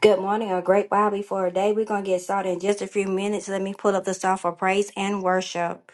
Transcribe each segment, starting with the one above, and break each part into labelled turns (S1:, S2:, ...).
S1: Good morning, a great while before a day. We're going to get started in just a few minutes. Let me pull up the song for praise and worship.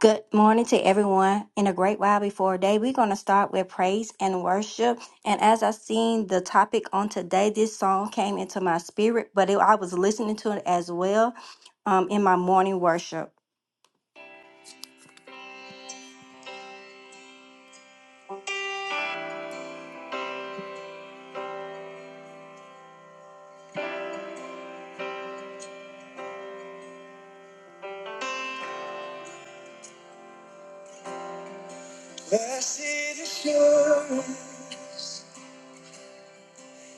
S1: Good morning to everyone. In a great while before a day, we're going to start with praise and worship. And as I seen the topic on today, this song came into my spirit, but it, I was listening to it as well um, in my morning worship. Blessed assurance,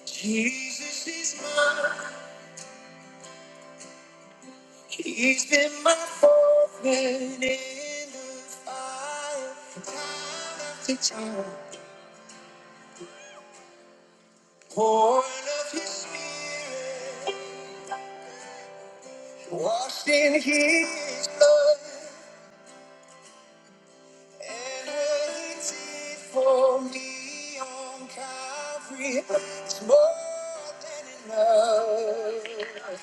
S1: Jesus is mine. He's been my fourth man in the fire, time after time. Born of his spirit, washed in his blood, and what he did for me on Calvary is more than enough.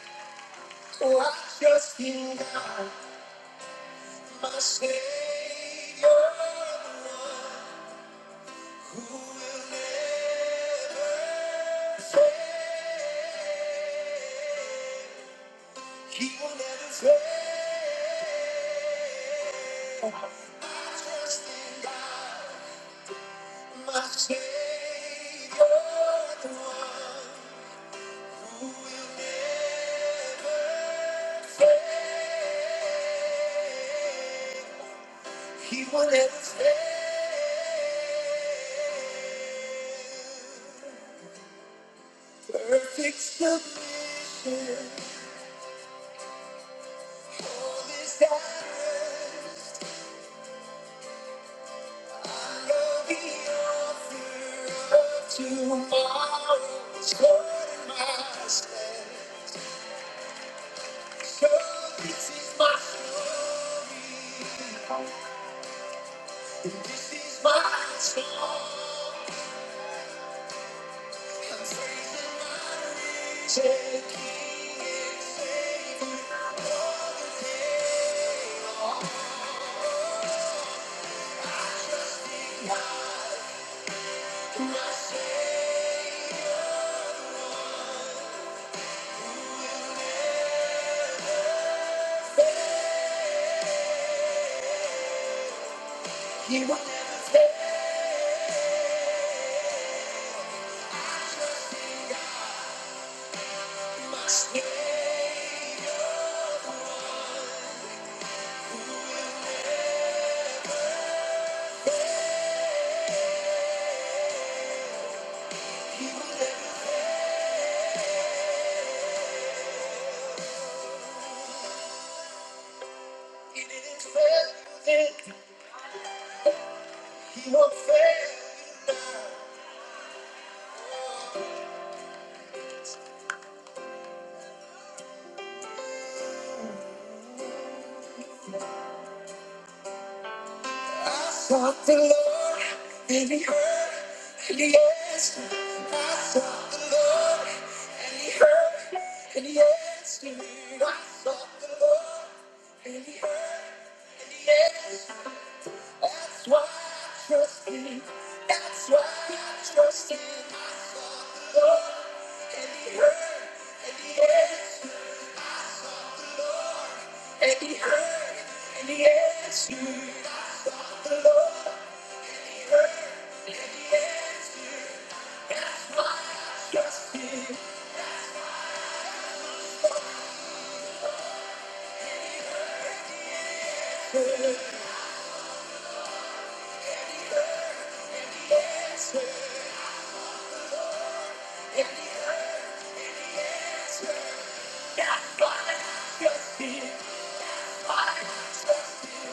S1: So I trust in God, my Savior, the one. Who will never fail? He will never fail. I trust in God, my Savior, the one who will never fail. He will never fail. Perfect submission. You are He will never fail. It is fail you then. He won't fail. you now. I sought the Lord, and He heard, and He answered. I sought the Lord, and He heard, and He answered. I sought the Lord, and He heard, and He answered. That's why I trust him. That's why I trust him. I saw the Lord, and he heard, and he answered, and he heard, and he answered. I saw the Lord, he heard, and he answered. That's why I trust him. He heard, and he heard, he answered. And he heard, and he answered. That's why I trust him. That's why I trust him.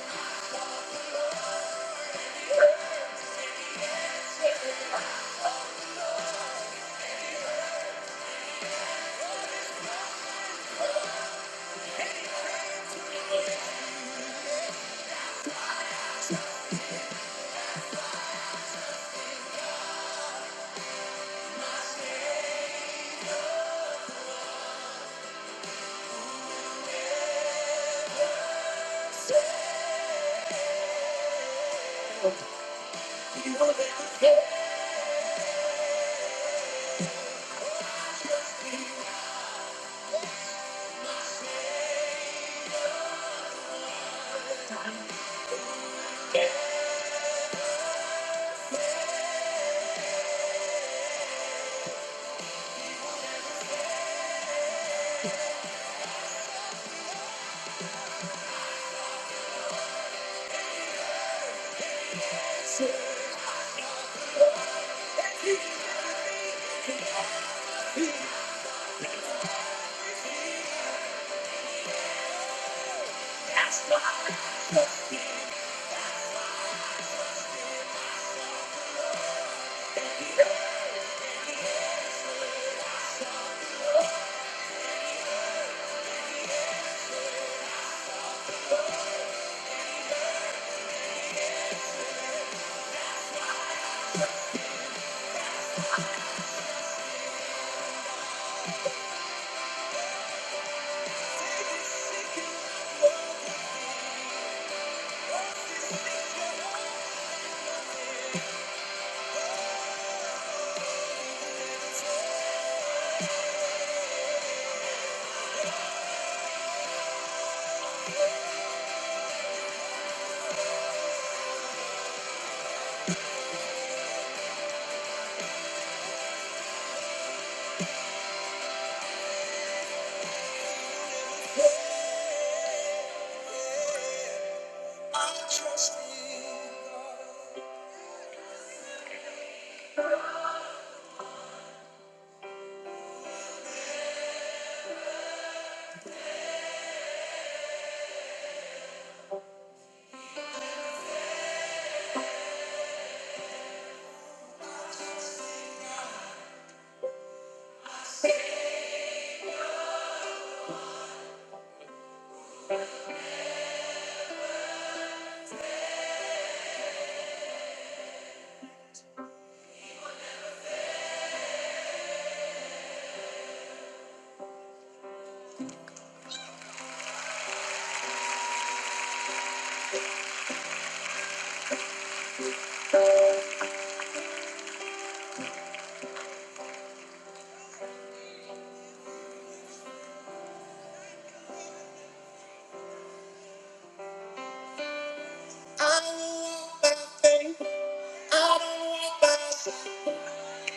S1: I don't want my my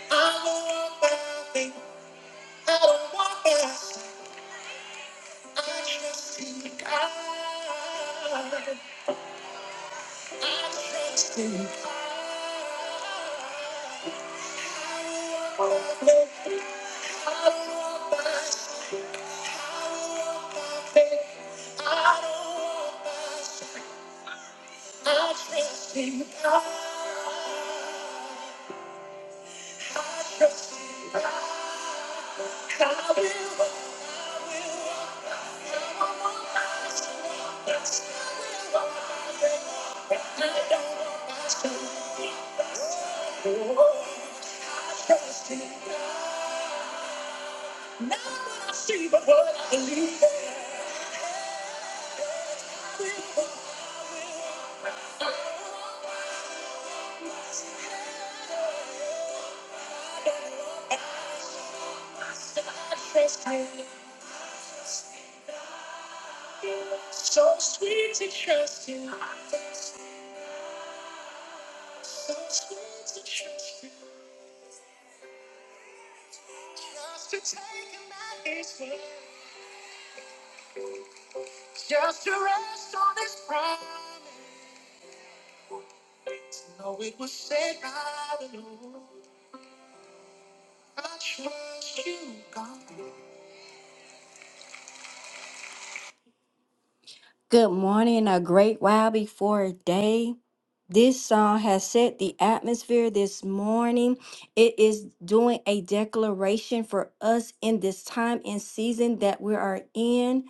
S1: I don't want nothing. I don't want us. I trust in God. I trust in God. I don't want my faith. I don't want us. I trust in God. I trust I will always want us. I will always. want us. I don't want myself. Oh, I trust in God. Not what I see, but what I believe. So sweet to trust you. So sweet to trust you. Just to take him at his word. Just to rest on his promise. To know it was said by the Lord. Good morning, a great while before day. This song has set the atmosphere this morning. It is doing a declaration for us in this time and season that we are in.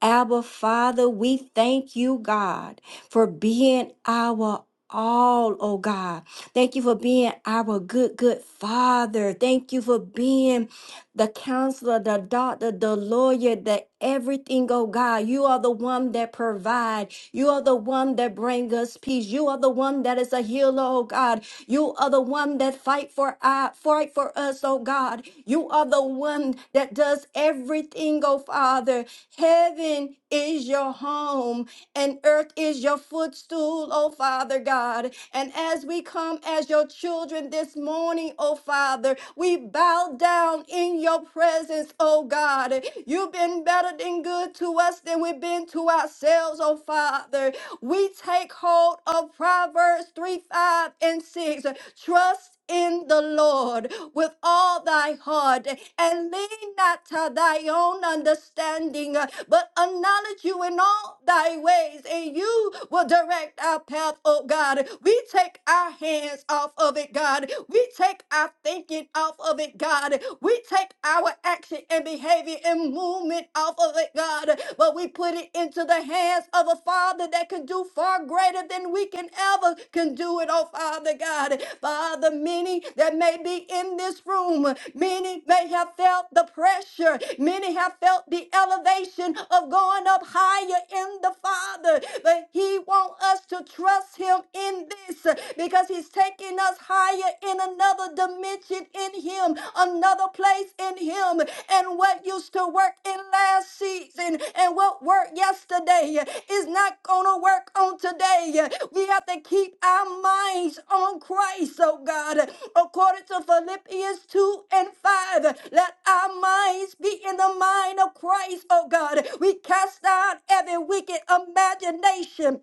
S1: Abba, Father, we thank you, God, for being our all, oh God. Thank you for being our good, good Father. Thank you for being the counselor, the doctor, the lawyer, the everything, oh God. You are the one that provide. You are the one that bring us peace. You are the one that is a healer, oh God. You are the one that fight for I fight for us, oh God. You are the one that does everything, oh Father. Heaven is your home and earth is your footstool, oh Father God. And as we come as your children this morning, oh Father, we bow down in your presence, oh God. You've been better than good to us than we've been to ourselves, oh Father we take hold of Proverbs 3 5 and 6. Trust in the Lord with all thy heart and lean not to thy own understanding, but acknowledge you in all thy ways, and you will direct our path, oh God. We take our hands off of it, God. We take our thinking off of it, God. We take our action and behavior and movement off of it, God. But we put it into the hands of a Father that can do far greater than we can ever can do it, oh Father God. Father, many that may be in this room, many may have felt the pressure, many have felt the elevation of going up higher in the Father. But He wants us to trust Him in this because He's taking us higher in another dimension in Him, another place in Him. And what used to work in last season and what worked yesterday is not going to work on today. We have to keep our minds on Christ, oh God. According to Philippians 2 and 5, let our minds be in the mind of Christ, oh God. We cast down every wicked imagination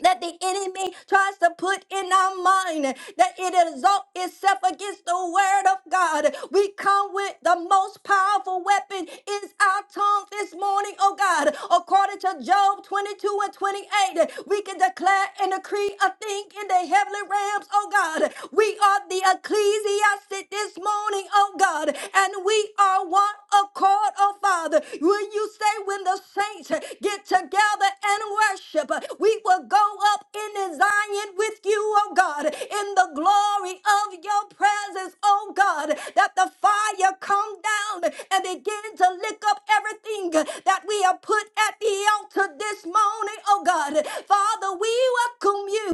S1: that the enemy tries to put in our mind that it exalt itself against the word of God. We come with the most powerful weapon is our tongue this morning, oh God. According to Job 22 and 28, we can declare and decree a thing in the heavenly realms, oh God. We are the ecclesiastic this morning, oh God, and we are one accord, oh Father. Will you say when the saints get together and worship? We we will go up in Zion with you, oh God, in the glory of your presence, oh God, that the fire come down and begin to lick up everything that we have put at the altar this morning, oh God. Father, we welcome you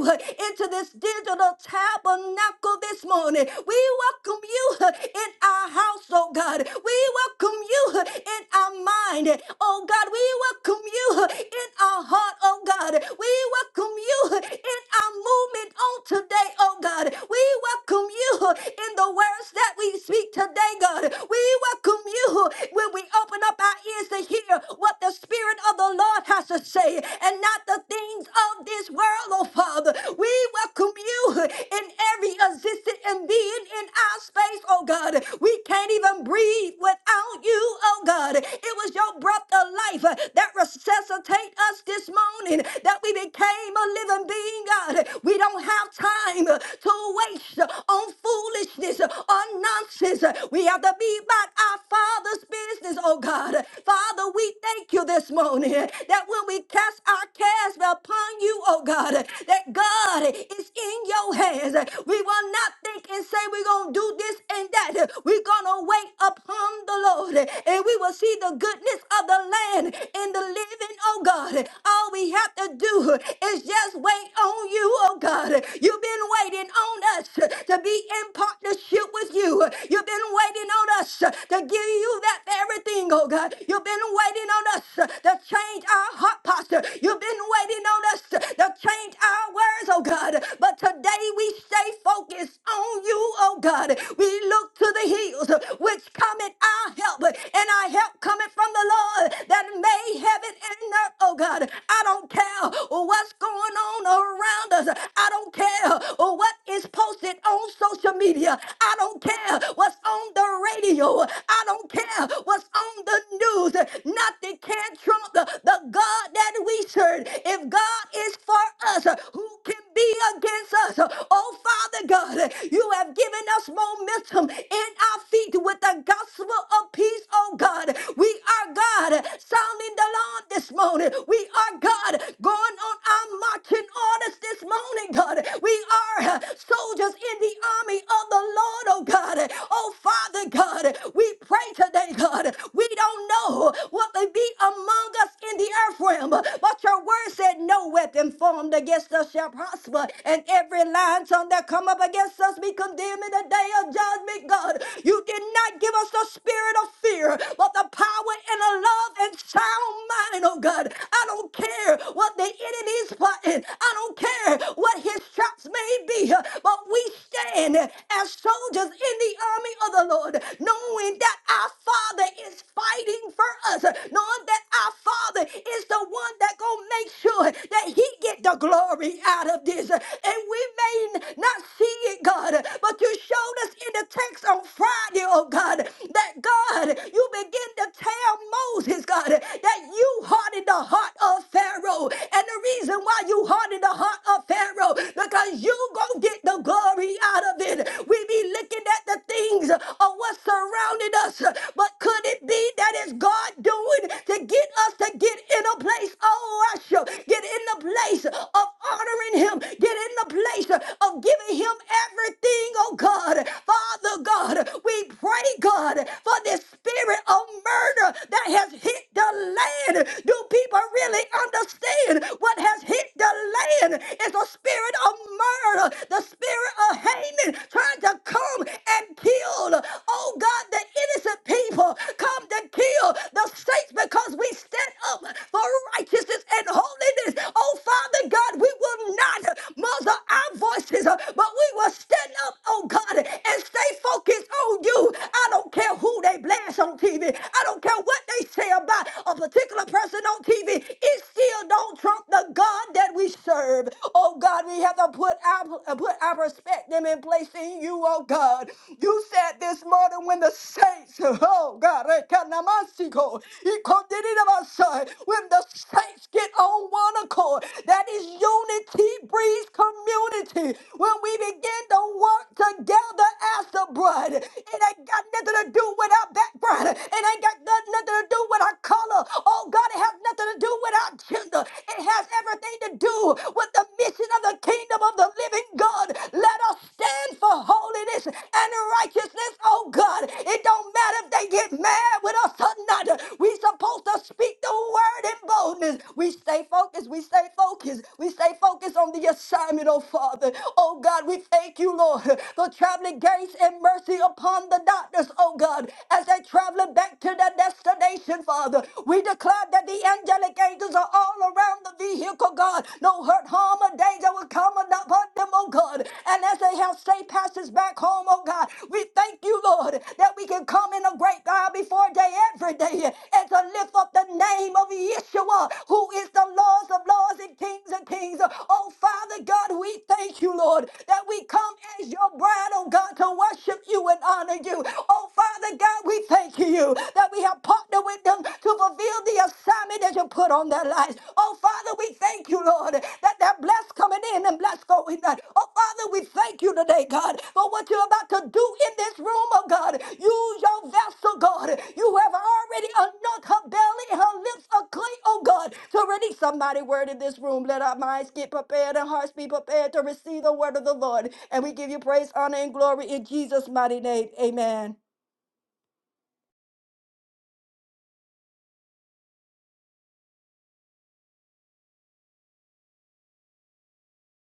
S1: into this digital tabernacle this morning. We welcome you in our house, oh God. We welcome you in our mind, oh God. We welcome you in our heart, oh God. God. We welcome you in our movement on today, oh God. We welcome you in the words that we speak today, God. We welcome you when we open up our ears to hear what the Spirit of the Lord has to say and not the things of this world, oh Father. We welcome you in every existent and being in our space, oh God. We can't even breathe without you, oh God. It was your breath of life that resuscitated us this this morning that we became a living being, God. We don't have time to waste on foolishness or nonsense. We have to be about our Father's business, oh God. Father, we thank you this morning that when we cast our cares upon you, oh God, that God is in your hands. We will not think and say we're going to do this and that. We're going to wait upon the Lord and we will see the goodness of the land and the living, oh God. God. All we have to do is just wait on you, oh God. You've been waiting on us to be in partnership with you. You've been waiting on us to give you that everything, oh God. You've been waiting on us to change our heart posture. You've been waiting on us to change our words, oh God. But today we stay focused on you, oh God. We look to the hills which cometh our help, and our help cometh from the Lord that made heaven straighten up, oh God. I don't care what's going on around us. I don't care what is posted on social media. I don't care what's on the radio. I don't care what's on the news. Nothing can trump the, the God that we serve. If God is for us, who can be against us? Oh, Father God, you have given us momentum in our feet with the gospel of peace, oh God. We are God, sounding the alarm this morning. We are, God, going on our marching orders this morning, God. We are uh, soldiers in the army of the Lord, oh God. Oh, Father God, we pray today, God. We don't know what may be among us in the earth realm, but your word said, No weapon formed against us shall prosper, and every lying tongue that come up against us be condemned in the day of judgment, God. You did not give us the spirit of fear, but the power and the love and sound mind, oh God. I don't care what the enemy is plotting. I don't care what his traps may be, but we stand as soldiers in the army of the Lord, knowing that our Father is fighting for us, knowing that our Father is the one that gonna make sure that He get the glory out of this. And we may not see it, God, but you showed us in the text on Friday, oh God, that God, you begin to tell Moses, God, that you hardened the heart of Pharaoh. And the reason why you hardened the heart of Pharaoh, because you gonna get the glory out of it. We be looking at the things of what surrounded us, but could it be that it's God doing to get us to get in a place of worship, get in the place of honoring Him, get in the place of giving Him everything, oh God. Father God, we pray, God, for this spirit of murder that has hit the land. Do people really understand what has hit the land? It's the spirit of murder, the spirit of Haman trying to come and kill. Oh God, the innocent people come to kill the saints because we stand up for righteousness and holiness. Oh Father God, we will not muzzle our voices, but we will stand up, oh God, and stay focused on you. I don't care who they blast on TV. I don't care what they say about a particular person on TV. It still don't trump the God that we serve. Oh God, we have to put our uh, put our perspective in place in you, oh God. You said this morning when the saints, oh God, rekanamasi ko, ikodididabasai, when the saints get on on one accord. That is unity breeds community. When we begin to work together as the bride, it ain't got nothing to do with our background. It ain't got nothing nothing to do with our color. Oh God, it has nothing to do with our gender. It has everything to do with the mission of the kingdom of the living God. Let us stand for holiness and righteousness, oh God. It don't matter if they get mad with us or not. We supposed to speak the word in boldness. We stay focused. We stay focused. We stay focused on the assignment, oh Father. Oh God, we thank you, Lord, for traveling grace and mercy upon the doctors, oh God, as they traveling back to their destination, Father. We declare that the angelic angels are all around the vehicle, God. God. No hurt, harm, or danger will come upon them, oh God. And as they have safe passes back home, oh God, we thank you, Lord, that we can come in a great God before day every day and to lift up the name of Yeshua, who is the Lord of lords and kings of kings. Oh Father God, we thank you, Lord, that we come as your bride, oh God, to worship you and honor you. Oh Father God, we thank you that we have partnered with them to fulfill the assignment that you put on their lives. Oh, Father, we thank you, Lord, that they're blessed coming in and blessed going out. Oh, Father, we thank you today, God, for what you're about to do in this room, oh God. Use your vessel, God. You have already anointed her belly and her lips are clean, oh God, to release a mighty word in this room. Let our minds get prepared and hearts be prepared to receive the word of the Lord. And we give you praise, honor, and glory in Jesus' mighty name. Amen.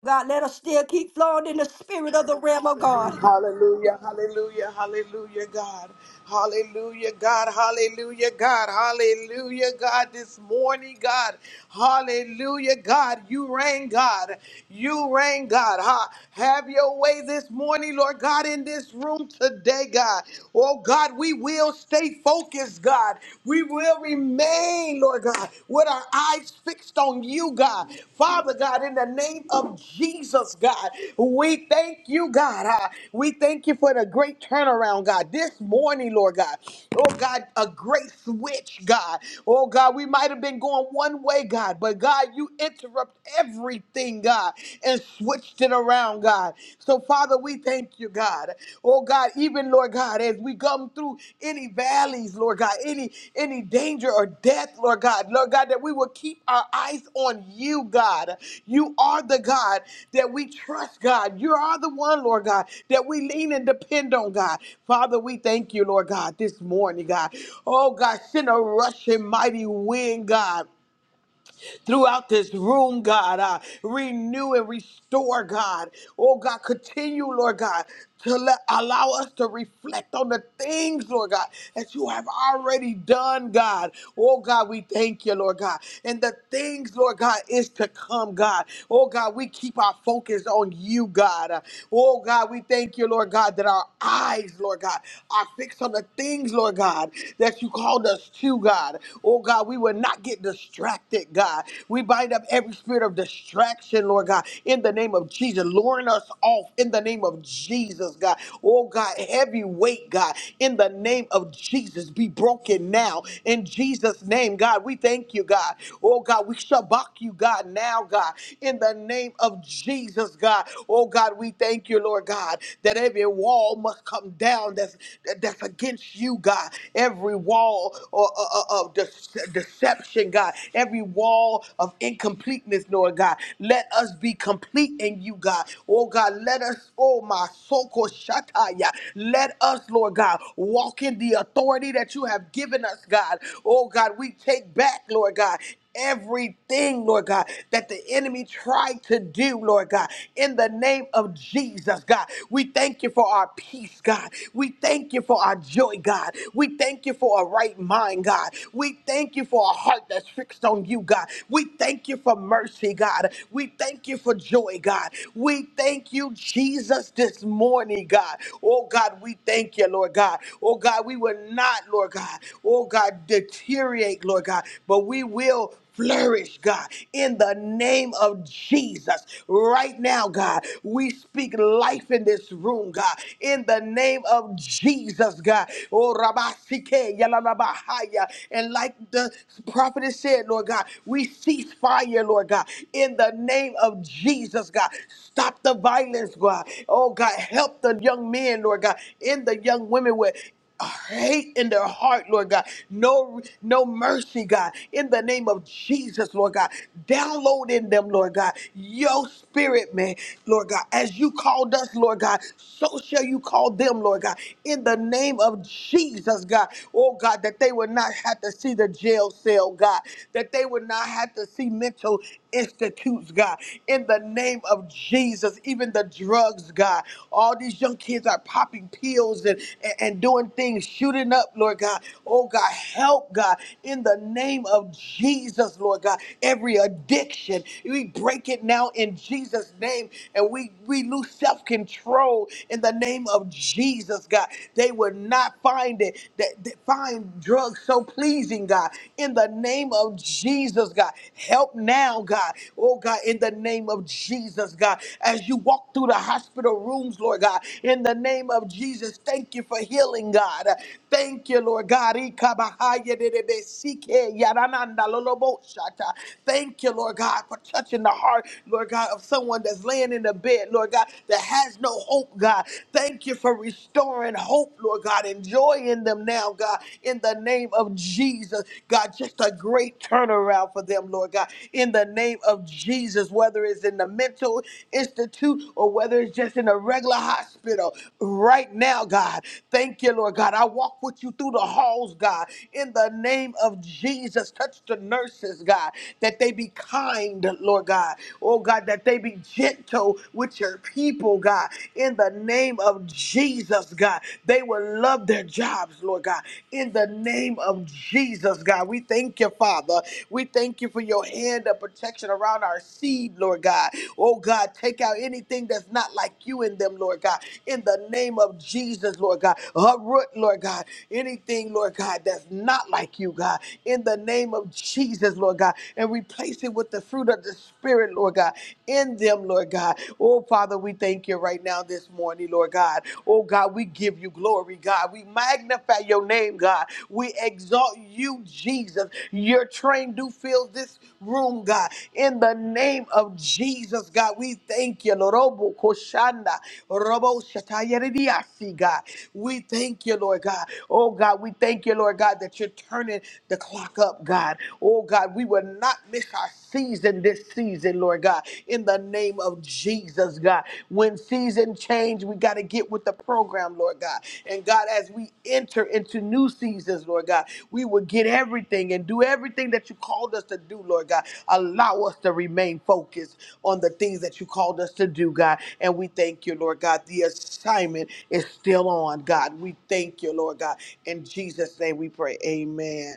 S1: God, let us still keep flowing in the spirit of the realm of God.
S2: Hallelujah, hallelujah, hallelujah, God. Hallelujah, God, hallelujah, God, hallelujah, God, this morning, God. Hallelujah, God, you reign, God. You reign, God. Ha. Have your way this morning, Lord God, in this room today, God. Oh, God, we will stay focused, God. We will remain, Lord God with our eyes fixed on you, God. Father God, in the name of Jesus, God, we thank you, God. Ah, We thank you for the great turnaround, God. This morning, Lord God, oh God, a great switch, God. Oh God, we might have been going one way, God, but God, you interrupt everything, God, and switched it around, God. So, Father, we thank you, God. Lord God. Oh God, even Lord God, as we come through any valleys, Lord God, any any danger or death, Lord God, Lord God, that we will keep our eyes on you, God. You are the God that we trust, God. You are the one, Lord God, that we lean and depend on, God. Father, we thank you, Lord God, this morning, God. Oh God, send a rushing mighty wind, God throughout this room, God. Uh, renew and restore, God. Oh, God, continue, Lord God, to let, allow us to reflect on the things, Lord God, that you have already done, God. Oh, God, we thank you, Lord God. And the things, Lord God, is to come, God. Oh, God, we keep our focus on you, God. Uh, Oh, God, we thank you, Lord God, that our eyes, Lord God, are fixed on the things, Lord God, that you called us to, God. Oh, God, we will not not get distracted, God. We bind up every spirit of distraction, Lord God, in the name of Jesus. Luring us off in the name of Jesus, God. Oh, God, heavy weight, God, in the name of Jesus, be broken now. In Jesus' name, God, we thank you, God. Oh, God, we shabak you, God, now, God, in the name of Jesus, God. Oh, God, we thank you, Lord God, that every wall must come down that's, that- that's against you, God. Every wall or uh, uh, de- deception, God, every wall of incompleteness, Lord God. Let us be complete in you, God. Oh, God, let us, oh, my soko shataya. Let us, Lord God, walk in the authority that you have given us, God. Oh, God, we take back, Lord God, everything, Lord God, that the enemy tried to do, Lord God, in the name of Jesus, God. We thank you for our peace, God. We thank you for our joy, God. We thank you for a right mind, God. We thank you for a heart that's fixed on you, God. We thank you for mercy, God. We thank you for joy, God. We thank you, Jesus, this morning, God. Oh, God, we thank you, Lord God. Oh, God, we will not, Lord God, oh, God, deteriorate, Lord God, but we will will flourish, God, in the name of Jesus. Right now, God, we speak life in this room, God, in the name of Jesus, God. Oh, Rabasike, Yalalabahaya. And like the prophet has said, Lord God, we cease fire, Lord God, in the name of Jesus, God. Stop the violence, God. Oh, God, help the young men, Lord God, and the young women with hate in their heart, Lord God. No, no mercy, God. In the name of Jesus, Lord God. Download in them, Lord God. Your spirit, man, Lord God. As you called us, Lord God, so shall you call them, Lord God. In the name of Jesus, God. Oh God, that they would not have to see the jail cell, God. That they would not have to see mental institutes, God, in the name of Jesus. Even the drugs, God. All these young kids are popping pills and, and, and doing things, shooting up, Lord God. Oh, God, help, God, in the name of Jesus, Lord God. Every addiction, we break it now in Jesus' name and we, we lose self control in the name of Jesus, God. They would not find it, that, that find drugs so pleasing, God in the name of Jesus, God. Help now, God. Oh, God, in the name of Jesus, God. As you walk through the hospital rooms, Lord God, in the name of Jesus, thank you for healing, God. Thank you, Lord God. Ikabahayedebesike yaranandaloloboshata. Thank you, Lord God, for touching the heart, Lord God, of someone that's laying in the bed, Lord God, that has no hope, God. Thank you for restoring hope, Lord God, and joy in send them now, God, in the name of Jesus. God, just a great turnaround for them, Lord God, in the name of Jesus, whether it's in the mental institute or whether it's just in a regular hospital right now, God. Thank you, Lord God. I walk with you through the halls, God, in the name of Jesus. Touch the nurses, God, that they be kind, Lord God. Oh, God, that they be gentle with your people, God, in the name of Jesus, God. They will love their jobs, Lord God. In the name of Jesus, God, we thank you, Father. We thank you for your hand of protection around our seed, Lord God. Oh, God, take out anything that's not like you in them, Lord God. In the name of Jesus, Lord God. Uproot, Lord God, anything, Lord God, that's not like you, God. In the name of Jesus, Lord God. And replace it with the fruit of the Spirit, Lord God. In them, Lord. Lord God. Oh, Father, we thank you right now this morning, Lord God. Oh, God, we give you glory, God. We magnify your name, God. We exalt you, Jesus. Your train do fill this room, God. In the name of Jesus, God, we thank you, Lord. Robo koshanda, robo shatayaridiasi, God. We thank you, Lord God. Oh, God, we thank you, Lord God, that you're turning the clock up, God. Oh, God, we will not miss our season this season, Lord God, in the name of Jesus, God. When season change, we got to get with the program, Lord God. And God, as we enter into new seasons, Lord God, we will get everything and do everything that you called us to do, Lord God. Allow us to remain focused on the things that you called us to do, God. And we thank you, Lord God. The assignment is still on, God. We thank you, Lord God. In Jesus' name we pray. Amen.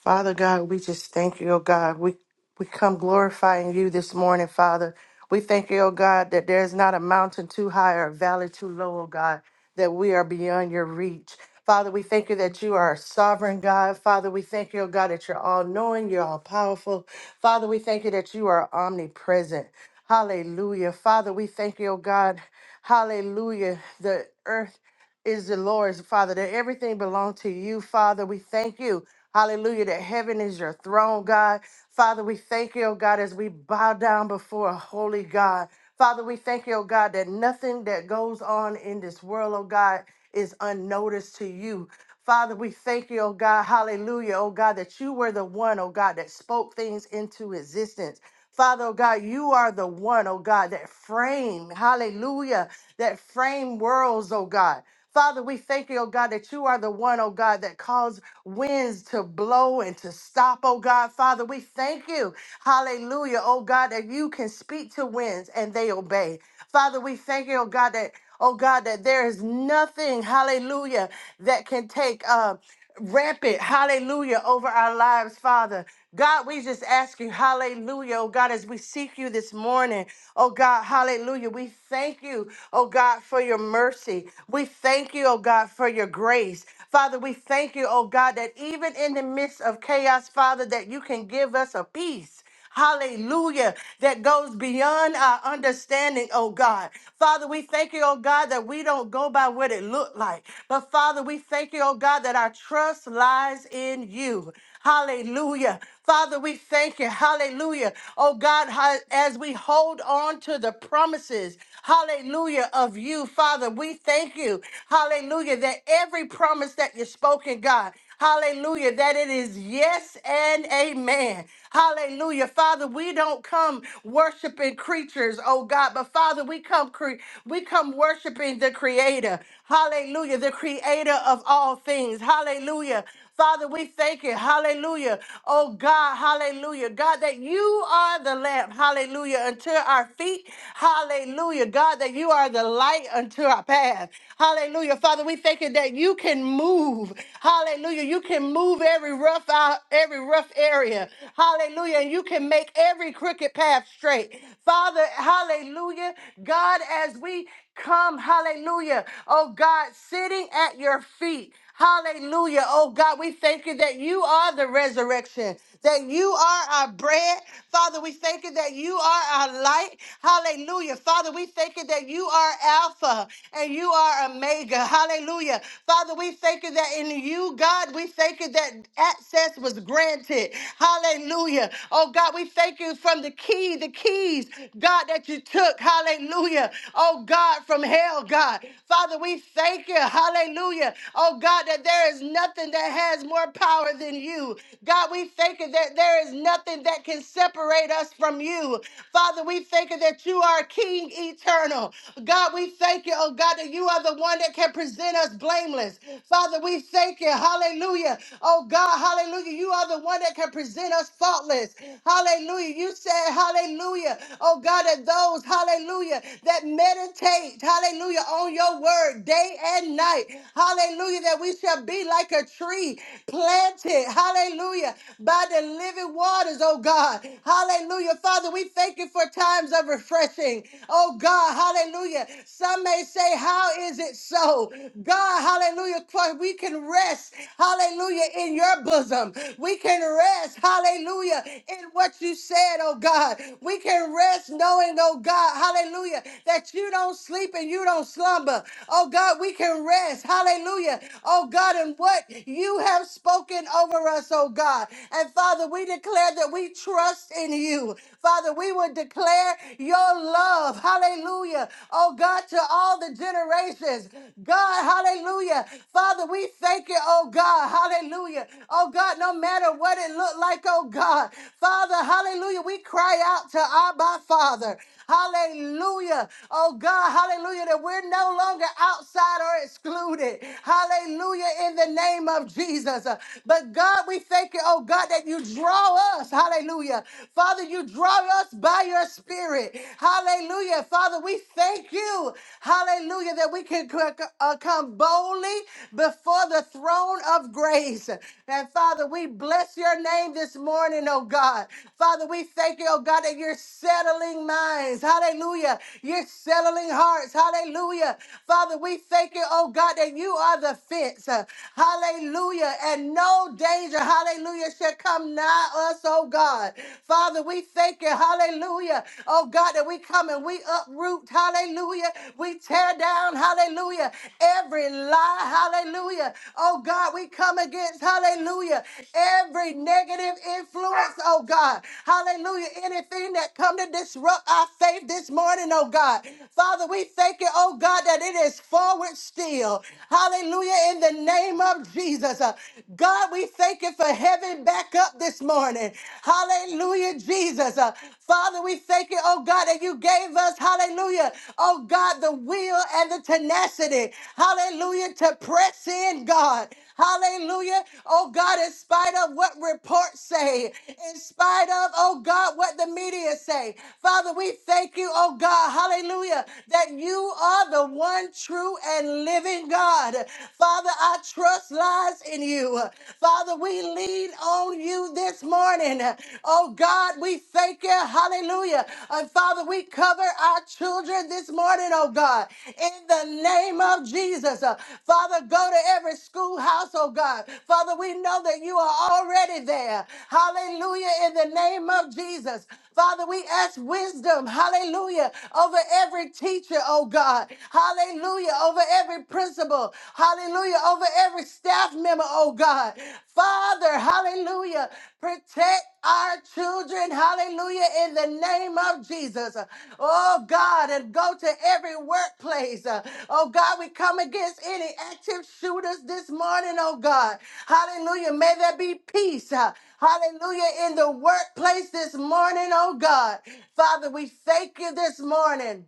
S3: Father God, we just thank you, oh God. We we come glorifying you this morning, Father. We thank you, oh God, that there is not a mountain too high or a valley too low, oh God, that we are beyond your reach. Father, we thank you that you are a sovereign God. Father, we thank you, oh God, that you're all knowing, you're all powerful. Father, we thank you that you are omnipresent. Hallelujah. Father, we thank you, oh God. Hallelujah. The earth is the Lord's, Father, that everything belongs to you, Father. We thank you. Hallelujah, that heaven is your throne, God. Father, we thank you, oh God, as we bow down before a holy God. Father, we thank you, oh God, that nothing that goes on in this world, oh God, is unnoticed to you. Father, we thank you, oh God, hallelujah, oh God, that you were the one, oh God, that spoke things into existence. Father, oh God, you are the one, oh God, that frame, hallelujah, that frame worlds, oh God. Father, we thank you, oh God, that you are the one, oh God, that caused winds to blow and to stop, oh God. Father, we thank you, hallelujah, oh God, that you can speak to winds and they obey. Father, we thank you, oh God, that, oh God, that there is nothing, hallelujah, that can take uh, rampant, hallelujah, over our lives, Father. God, we just ask you, hallelujah, oh God, as we seek you this morning, oh God, hallelujah, we thank you, oh God, for your mercy. We thank you, oh God, for your grace. Father, we thank you, oh God, that even in the midst of chaos, Father, that you can give us a peace. Hallelujah. That goes beyond our understanding, oh God. Father, we thank you, oh God, that we don't go by what it looked like. But Father, we thank you, oh God, that our trust lies in you. Hallelujah. Father, we thank you. Hallelujah. Oh God, ha- as we hold on to the promises, hallelujah, of you, Father, we thank you. Hallelujah. That every promise that you've spoken, God. Hallelujah. That it is yes and amen. Hallelujah. Father, we don't come worshiping creatures, oh God, but Father, we come cre- we come worshiping the creator. Hallelujah. The creator of all things. Hallelujah. Father, we thank you. Hallelujah. Oh God, hallelujah. God, that you are the lamp. Hallelujah. Unto our feet. Hallelujah. God, that you are the light unto our path. Hallelujah. Father, we thank you that you can move. Hallelujah. You can move every rough out, every rough area. Hallelujah. And you can make every crooked path straight. Father, hallelujah. God, as we come, hallelujah. Oh God, sitting at your feet. Hallelujah. Oh God, we thank you that you are the resurrection, that you are our bread. Father, we thank you that you are our light. Hallelujah. Father, we thank you that you are Alpha and you are Omega. Hallelujah. Father, we thank you that in you, God, we thank you that access was granted. Hallelujah. Oh God, we thank you from the key, the keys, God, that you took. Hallelujah. Oh God, from hell, God. Father, we thank you. Hallelujah. Oh God, that there is nothing that has more power than you. God, we thank you that there is nothing that can separate us from you. Father, we thank you that you are King eternal. God, we thank you, oh God, that you are the one that can present us blameless. Father, we thank you. Hallelujah. Oh God, hallelujah. You are the one that can present us faultless. Hallelujah. You said, hallelujah. Oh God, that those, hallelujah, that meditate, hallelujah, on your word day and night. Hallelujah. That we shall be like a tree planted. Hallelujah. By the living waters, oh God. Hallelujah. Father, we thank you for times of refreshing. Oh God. Hallelujah. Some may say, How is it so? God, hallelujah. For We can rest. Hallelujah. In your bosom. We can rest. Hallelujah. In what you said, oh God. We can rest knowing, oh God. Hallelujah. That you don't sleep and you don't slumber. Oh God, we can and rest. Hallelujah. Oh God, and what you have spoken over us, oh God. And Father, we declare that we trust in you. Father, we will declare your love. Hallelujah. Oh God, to all the generations. God, hallelujah. Father, we thank you, oh God. Hallelujah. Oh God, no matter what it looked like, oh God. Father, hallelujah. We cry out to Abba, Father. Hallelujah. Oh God, hallelujah, that we're no longer outside or excluded. Hallelujah, in the name of Jesus. Uh, But God, we thank you, oh God, that you draw us. Hallelujah. Father, you draw us by your spirit. Hallelujah. Father, we thank you. Hallelujah, that we can c- c- uh, come boldly before the throne of grace. And Father, we bless your name name this morning, oh God. Father, we thank you, oh God, that you're settling minds. Hallelujah. You're settling hearts. Hallelujah. Father, we thank you, oh God, that you are the fence. Uh, Hallelujah. And no danger, hallelujah, shall come nigh us, oh God. Father, we thank you, hallelujah, oh God, that we come and we uproot, hallelujah. We tear down, hallelujah, every lie. Hallelujah. Oh God, we come against, hallelujah, every negative influence, oh God. Hallelujah. Anything that come to disrupt our faith this morning, oh God. Father, we thank you, oh God, that it is forward still. Hallelujah. In the name of Jesus. Uh, God, we thank you for heaven back up this morning. Hallelujah, Jesus. Uh, Father, we thank you, oh God, that you gave us us, hallelujah, oh God, the will and the tenacity, hallelujah, to press in, God. Hallelujah. Oh God, in spite of what reports say, in spite of, oh God, what the media say. Father, we thank you, oh God, hallelujah, that you are the one true and living God. Father, our trust lies in you. Father, we lean on you this morning morning. Oh God, we thank you. Hallelujah. And Father, we cover our children this morning, oh God, in the name of Jesus. Uh, Father, go to every schoolhouse, oh God. Father, we know that you are already there. Hallelujah. In the name of Jesus. Father, we ask wisdom, hallelujah, over every teacher, oh God. Hallelujah, over every principal. Hallelujah hallelujah, over every staff member, oh God. Father, hallelujah, protect our children, hallelujah, in the name of Jesus. Oh God, and go to every workplace. Uh, Oh God, we come against any active shooters this morning, oh God. Hallelujah, may there be peace. uh, Hallelujah, in the workplace this morning, oh God. Father, we thank you this morning.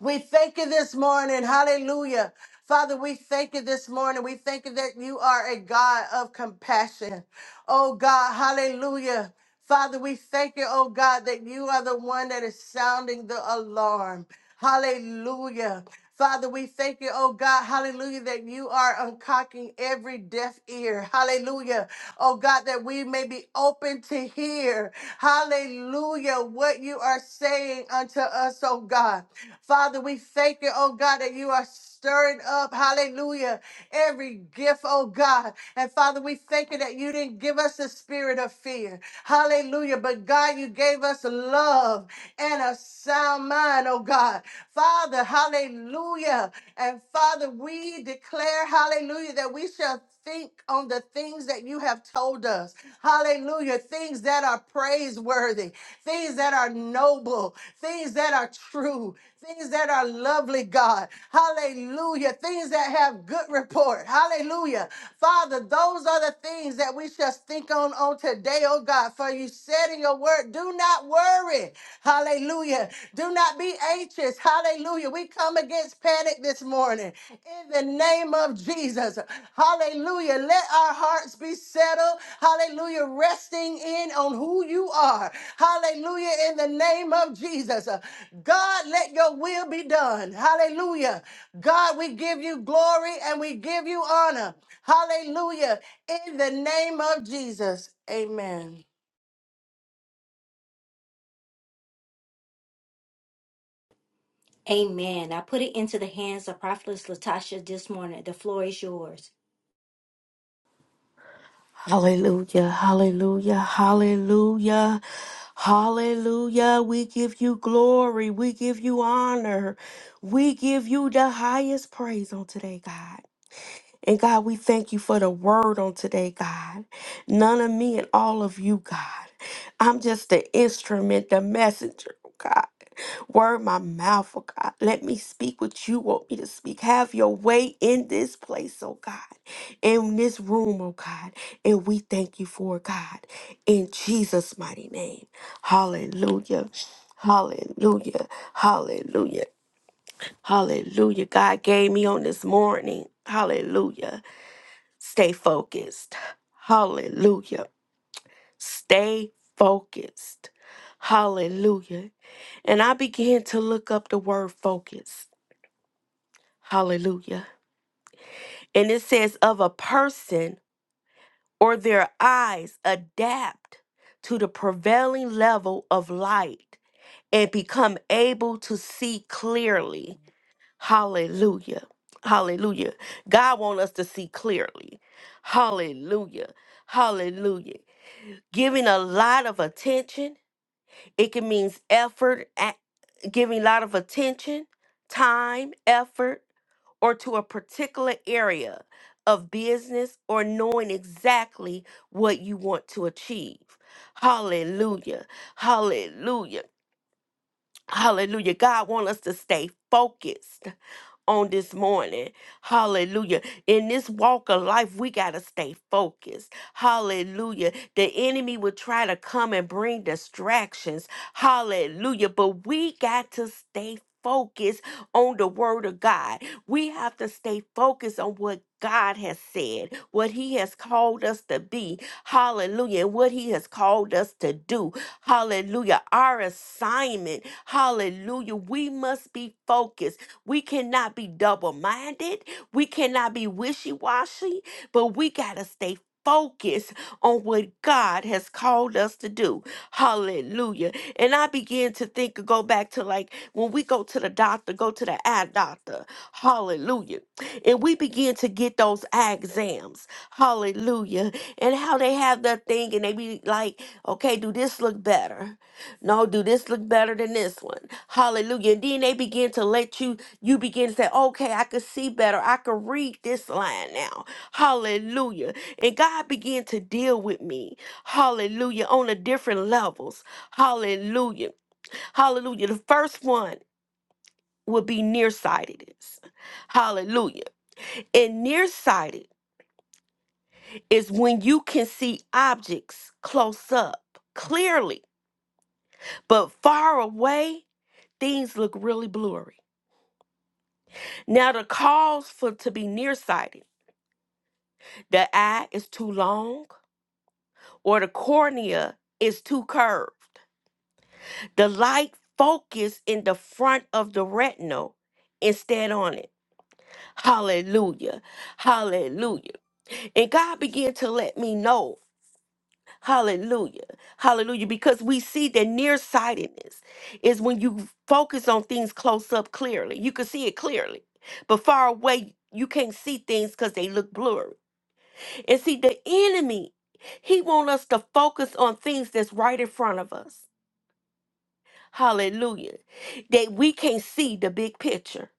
S3: We thank you this morning. Hallelujah. Father, we thank you this morning. We thank you that you are a God of compassion. Oh God, hallelujah. Father, we thank you, oh God, that you are the one that is sounding the alarm. Hallelujah. Father, we thank you, oh God, hallelujah, that you are uncocking every deaf ear. Hallelujah. Oh God, that we may be open to hear. Hallelujah. What you are saying unto us, oh God. Father, we thank you, oh God, that you are stirring up, hallelujah, every gift, oh God. And Father, we thank you that you didn't give us the spirit of fear, hallelujah, but God, you gave us love and a sound mind, oh God. Father, hallelujah. And Father, we declare, hallelujah, that we shall think on the things that you have told us. Hallelujah. Things that are praiseworthy, things that are noble, things that are true, things that are lovely, God. Hallelujah. Things that have good report. Hallelujah. Father, those are the things that we shall think on on today, oh God. God, for you said in your word, do not worry. Hallelujah. Do not be anxious. Hallelujah. We come against panic this morning in the name of Jesus. Hallelujah. Let our hearts be settled. Hallelujah. Resting in on who you are. Hallelujah. In the name of Jesus. God, let your will be done. Hallelujah. God, we give you glory and we give you honor. Hallelujah. In the name of Jesus. Amen.
S1: Amen. I put it into the hands of Prophetess Latasha this morning. The floor is yours.
S4: Hallelujah, hallelujah, hallelujah, hallelujah. We give you glory, we give you honor, we give you the highest praise on today, God. And God, we thank you for the word on today, God. None of me and all of you, God. I'm just the instrument, the messenger, oh God. Word my mouth, oh God. Let me speak what you want me to speak. Have your way in this place, oh God. In this room, oh God. And we thank you for it, God. In Jesus' mighty name. Hallelujah. Hallelujah. Hallelujah. Hallelujah. God gave me on this morning. Hallelujah Stay focused. Hallelujah. Stay focused. Hallelujah. And I began to look up the word focus. Hallelujah. And it says, of a person or their eyes adapt to the prevailing level of light and become able to see clearly. Hallelujah. Hallelujah. God wants us to see clearly. Hallelujah. Hallelujah. giving a lot of attention. It can mean effort, a- giving a lot of attention, time, effort, or to a particular area of business or knowing exactly what you want to achieve. Hallelujah. Hallelujah. Hallelujah. God wants us to stay focused on this morning. Hallelujah. In this walk of life, we got to stay focused. Hallelujah. The enemy will try to come and bring distractions. Hallelujah. But we got to stay focused on the word of God. We have to stay focused on what God has said, what He has called us to be. Hallelujah. And what He has called us to do. Hallelujah. Our assignment. Hallelujah. We must be focused. We cannot be double minded. We cannot be wishy washy, but we got to stay focused on what God has called us to do. Hallelujah. And I begin to think, go back to like when we go to the doctor, go to the eye doctor. Hallelujah. And we begin to get those eye exams. Hallelujah. And how they have that thing and they be like, okay, do this look better? No, do this look better than this one? Hallelujah. And then they begin to let you you begin to say, okay, I could see better. I could read this line now. Hallelujah. And God began to deal with me. Hallelujah. On the different levels. Hallelujah. Hallelujah. The first one would be nearsightedness. Hallelujah. And nearsighted is when you can see objects close up clearly, but far away, things look really blurry. Now, the cause for to be nearsighted the eye is too long or the cornea is too curved. The light focus in the front of the retinal instead on it. Hallelujah. Hallelujah. And God began to let me know. Hallelujah. Hallelujah. Because we see that nearsightedness is when you focus on things close up clearly. You can see it clearly. But far away, you can't see things because they look blurry. And see, the enemy, he want us to focus on things that's right in front of us. Hallelujah. That we can see the big picture.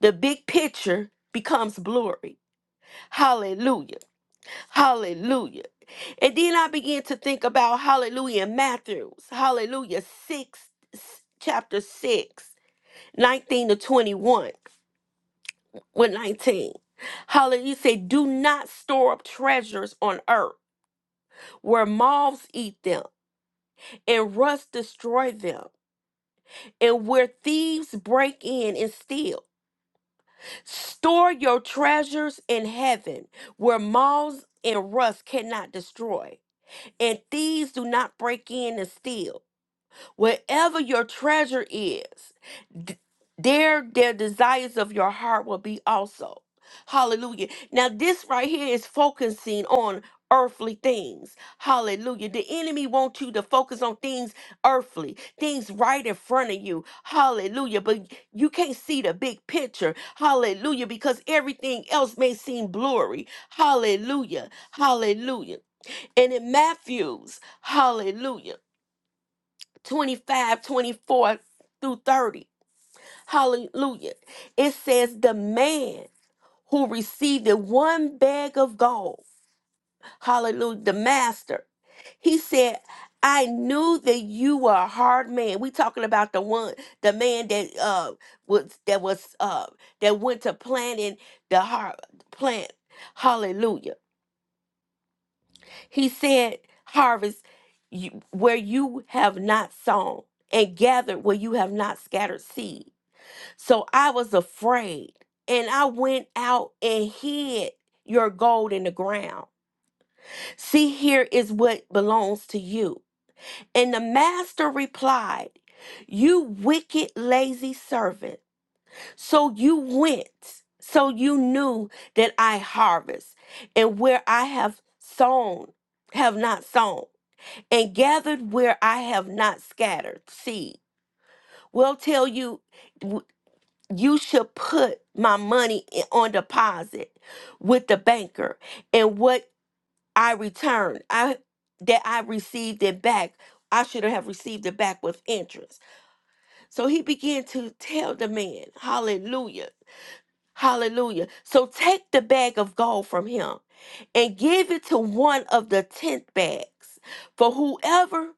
S4: The big picture becomes blurry. Hallelujah. Hallelujah. And then I began to think about hallelujah in Matthew's, hallelujah, six chapter six, nineteen to 21. With 19. Hallelujah. He said, Do not store up treasures on earth where moths eat them and rust destroy them and where thieves break in and steal. Store your treasures in heaven where moths and rust cannot destroy, and thieves do not break in and steal. Wherever your treasure is, d- there their desires of your heart will be also. Hallelujah. Now this right here is focusing on earthly things. Hallelujah. The enemy wants you to focus on things earthly, things right in front of you. Hallelujah. But you can't see the big picture. Hallelujah. Because everything else may seem blurry. Hallelujah. Hallelujah. And in Matthew's, hallelujah. 25, 24 through 30. Hallelujah. It says, The man who received the one bag of gold, hallelujah, the master, he said, I knew that you were a hard man. We talking about the one, the man that uh was that was uh that went to planting the hard plant. Hallelujah. He said, Harvest you, where you have not sown, and gathered where you have not scattered seed. So I was afraid, and I went out and hid your gold in the ground. See, here is what belongs to you. And the master replied, You wicked, lazy servant. So you went, so you knew that I harvest, and where I have sown, have not sown and gathered where I have not scattered seed. Will tell you, w- you should put my money i- on deposit with the banker, and what I return, I that I received it back. I should have received it back with interest. So he began to tell the man, Hallelujah, Hallelujah. So take the bag of gold from him and give it to one of the tenth bags. For whoever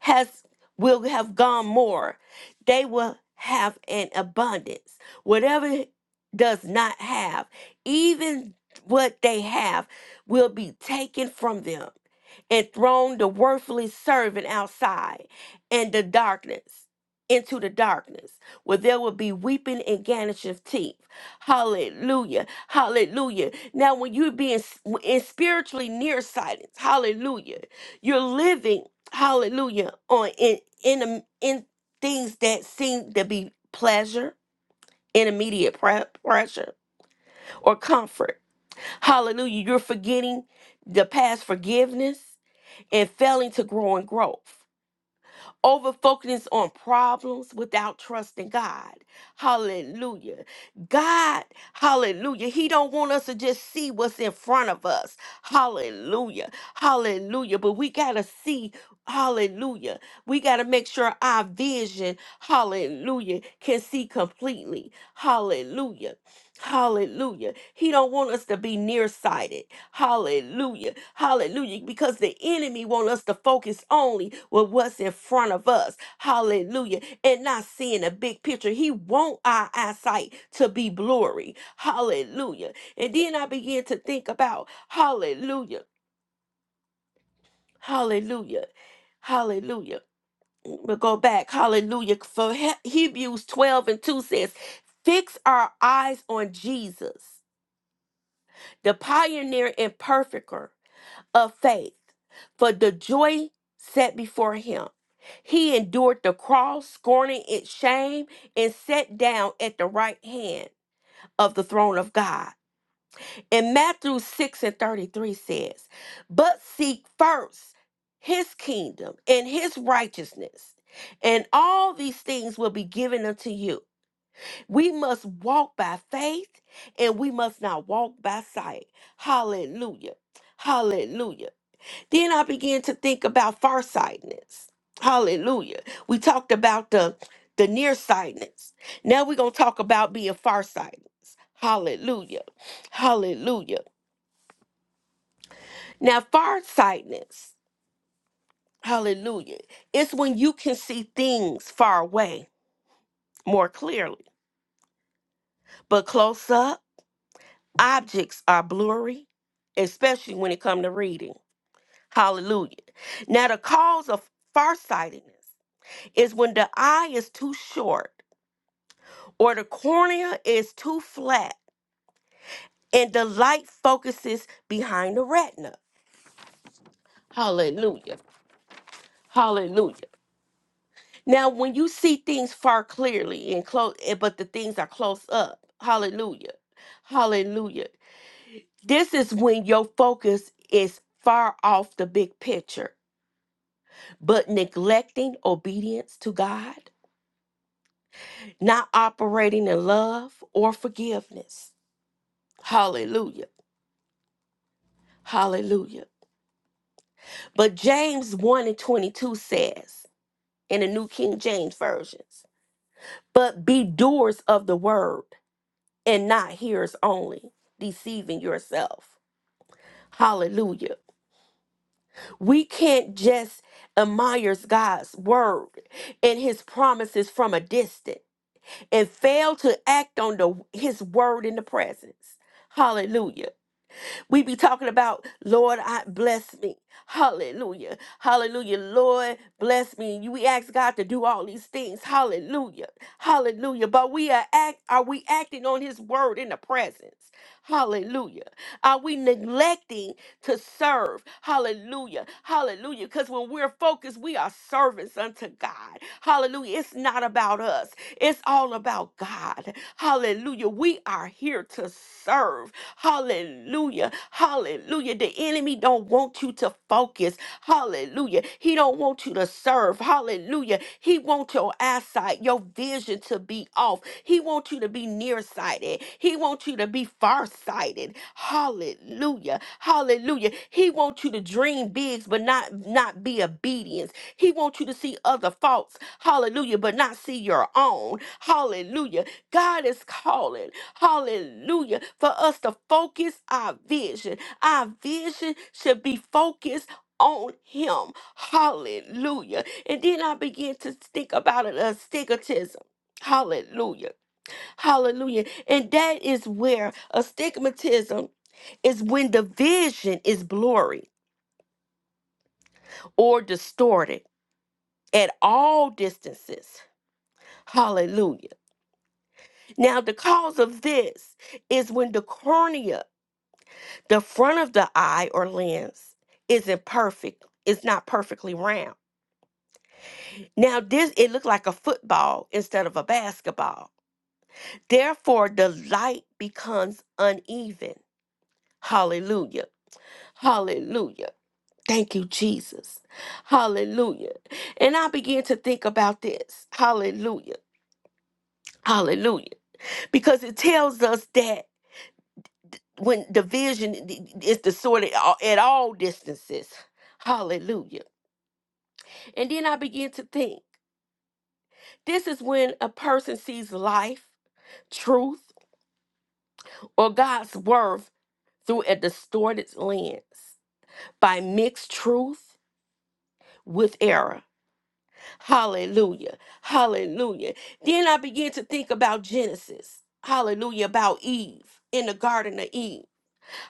S4: has will have gone more. They will have an abundance. Whatever does not have, even what they have will be taken from them and thrown the worthless servant outside and the darkness into the darkness where there will be weeping and gnashing of teeth hallelujah hallelujah now when you're being s- in spiritually nearsighted hallelujah you're living hallelujah on in in the- in things that seem to be pleasure in immediate pre- pressure or comfort hallelujah you're forgetting the past forgiveness and failing to grow in growth over focus on problems without trusting God. Hallelujah. God, hallelujah. He don't want us to just see what's in front of us. Hallelujah. Hallelujah. But we got to see Hallelujah. We got to make sure our vision, hallelujah, can see completely. Hallelujah. Hallelujah. He don't want us to be nearsighted. Hallelujah. Hallelujah. Because the enemy want us to focus only with what's in front of us. Hallelujah. And not seeing the big picture. He want our eyesight to be blurry. Hallelujah. And then I began to think about hallelujah. Hallelujah. Hallelujah. We'll go back. Hallelujah. For He- Hebrews 12 and 2 says, Fix our eyes on Jesus, the pioneer and perfecter of faith. For the joy set before him, he endured the cross, scorning its shame, and sat down at the right hand of the throne of God. And Matthew 6 and 33 says, But seek first his kingdom and his righteousness, and all these things will be given unto you. We must walk by faith and we must not walk by sight. Hallelujah. Hallelujah. Then I began to think about farsightedness. Hallelujah. We talked about the the nearsightedness. Now we're gonna talk about being farsightedness. Hallelujah. Hallelujah. Now farsightedness, hallelujah, it's when you can see things far away more clearly. But close up, objects are blurry, especially when it comes to reading. Hallelujah. Now the cause of farsightedness is when the eye is too short or the cornea is too flat and the light focuses behind the retina. Hallelujah. Hallelujah. Now, when you see things far clearly and close, but the things are close up, hallelujah. Hallelujah. This is when your focus is far off the big picture, but neglecting obedience to God, not operating in love or forgiveness. Hallelujah. Hallelujah. But James 1 and 22 says in the New King James Versions, but be doers of the word and not hearers only, deceiving yourself. Hallelujah. We can't just admire God's word and his promises from a distance and fail to act on the his word in the presence. Hallelujah. We be talking about, Lord, I bless me. Hallelujah. Hallelujah. Lord, bless me. You- We ask God to do all these things. Hallelujah. Hallelujah. But we are act are we acting on his word in the presence? Hallelujah. Are we neglecting to serve? Hallelujah. Hallelujah. Because when we're focused, we are servants unto God. Hallelujah. It's not about us. It's all about God. Hallelujah. We are here to serve. Hallelujah. Hallelujah. The enemy don't want you to focus. Hallelujah. He don't want you to serve. Hallelujah. He wants your eyesight, your vision to be off. He wants you to be nearsighted. He wants you to be farsighted. Hallelujah. Hallelujah. He wants you to dream bigs but not not be obedience. He wants you to see other faults. Hallelujah, but not see your own. Hallelujah. God is calling, hallelujah, for us to focus our vision. Our vision should be focused on Him, hallelujah. And then I began to think about it, astigmatism. Hallelujah. Hallelujah. And that is where astigmatism is when the vision is blurry or distorted at all distances. Hallelujah. Now, the cause of this is when the cornea The front of the eye or lens isn't perfect. It's not perfectly round. Now this it looked like a football instead of a basketball. Therefore the light becomes uneven. Hallelujah. Hallelujah. Thank you Jesus. Hallelujah. And I began to think about this. Hallelujah. Hallelujah. Because it tells us that when division is the sort of uh, at all distances. Hallelujah And then I began to think this is when a person sees life, truth, or God's worth through a distorted lens by mixed truth with error. Hallelujah. Hallelujah. Then I began to think about Genesis. Hallelujah. About Eve in the Garden of Eve.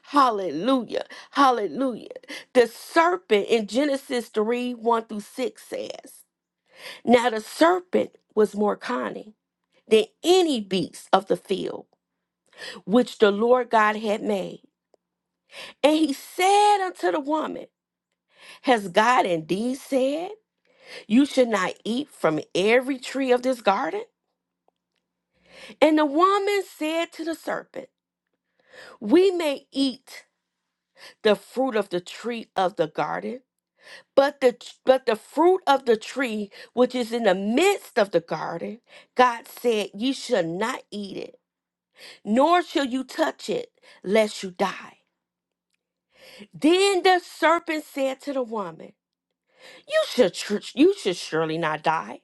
S4: Hallelujah. Hallelujah. The serpent in Genesis 3 1 through 6 says, Now the serpent was more cunning than any beast of the field which the Lord God had made. And he said unto the woman, Has God indeed said, You should not eat from every tree of this garden? And the woman said to the serpent, We may eat the fruit of the tree of the garden, but the but the fruit of the tree which is in the midst of the garden, God said, Ye shall not eat it, nor shall you touch it, lest you die. Then the serpent said to the woman, "You should tr- you should surely not die,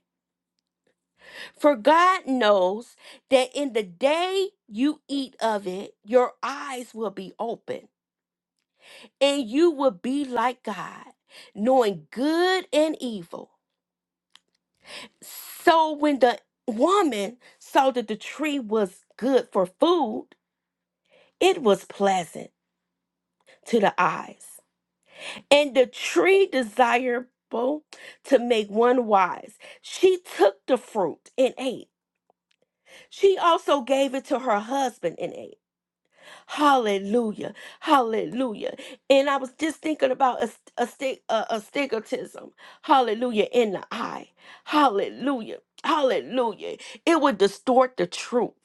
S4: for God knows that in the day you eat of it, your eyes will be open, and you will be like God, knowing good and evil." So when the woman saw that the tree was good for food, it was pleasant to the eyes and the tree desirable to make one wise. She took the fruit and ate. She also gave it to her husband and ate. Hallelujah. Hallelujah. And I was just thinking about a, a, sti- a, a stigmatism. Hallelujah. In the eye. Hallelujah. Hallelujah. It would distort the truth.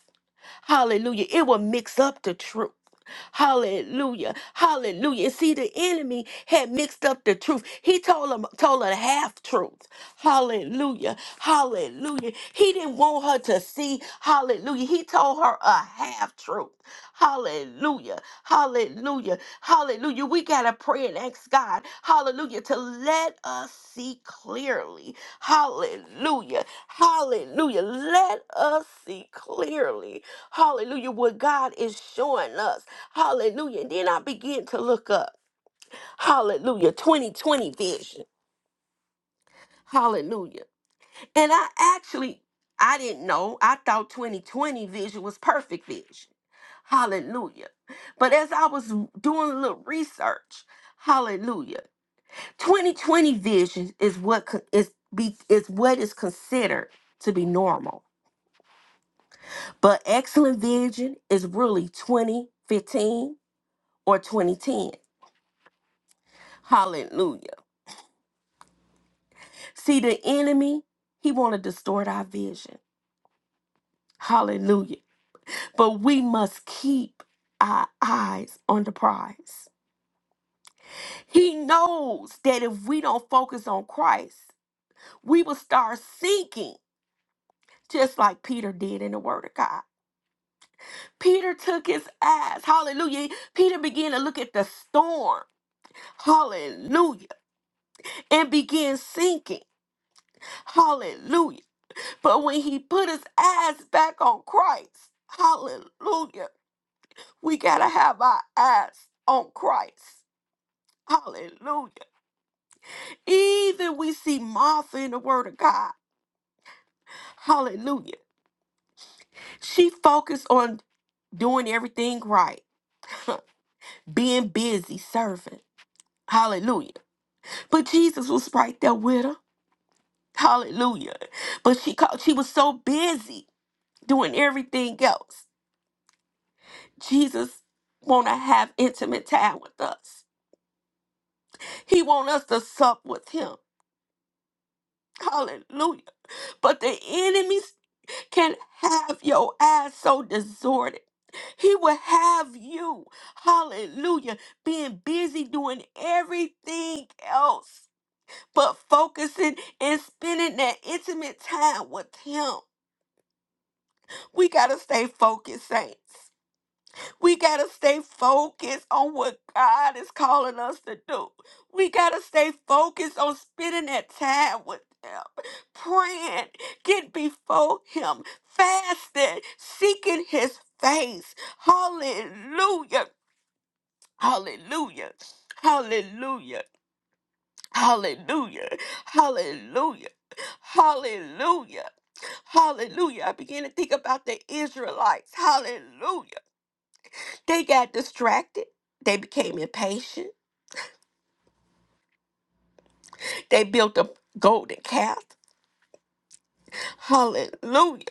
S4: Hallelujah. It will mix up the truth. Hallelujah. Hallelujah. And See, the enemy had mixed up the truth. He told him told her half truth. Hallelujah. Hallelujah. He didn't want her to see. Hallelujah. He told her a half truth. Hallelujah. Hallelujah. Hallelujah. We gotta pray and ask God, hallelujah, to let us see clearly. Hallelujah. Hallelujah. Let us see clearly. Hallelujah. What God is showing us. Hallelujah. And then I begin to look up. Hallelujah. 2020 vision. Hallelujah. And I actually, I didn't know. I thought 2020 vision was perfect vision. Hallelujah. But as I was doing a little research, hallelujah. 2020 vision is what co- is be is what is considered to be normal. But excellent vision is really 2015 or 2010. Hallelujah. See the enemy, he want to distort our vision. Hallelujah. But we must keep our eyes on the prize. He knows that if we don't focus on Christ, we will start sinking just like Peter did in the word of God. Peter took his eyes. Hallelujah. Peter began to look at the storm. Hallelujah. And began sinking. Hallelujah. But when he put his eyes back on Christ, hallelujah, we got to have our eyes on Christ. Hallelujah. Even we see Martha in the Word of God. Hallelujah. She focused on doing everything right, being busy, serving. Hallelujah. But Jesus was right there with her. Hallelujah. But she called, she was so busy doing everything else. Jesus want to have intimate time with us. He wants us to sup with him. Hallelujah. But the enemies can have your eyes so disordered. He will have you, hallelujah, being busy doing everything else but focusing and spending that intimate time with him. We got to stay focused, saints. We got to stay focused on what God is calling us to do. We got to stay focused on spending that time with Him, praying, get before Him, fasting, seeking His face. Hallelujah. Hallelujah. Hallelujah. Hallelujah. Hallelujah. Hallelujah. Hallelujah. I began to think about the Israelites. Hallelujah. They got distracted. They became impatient. They built a golden calf. Hallelujah.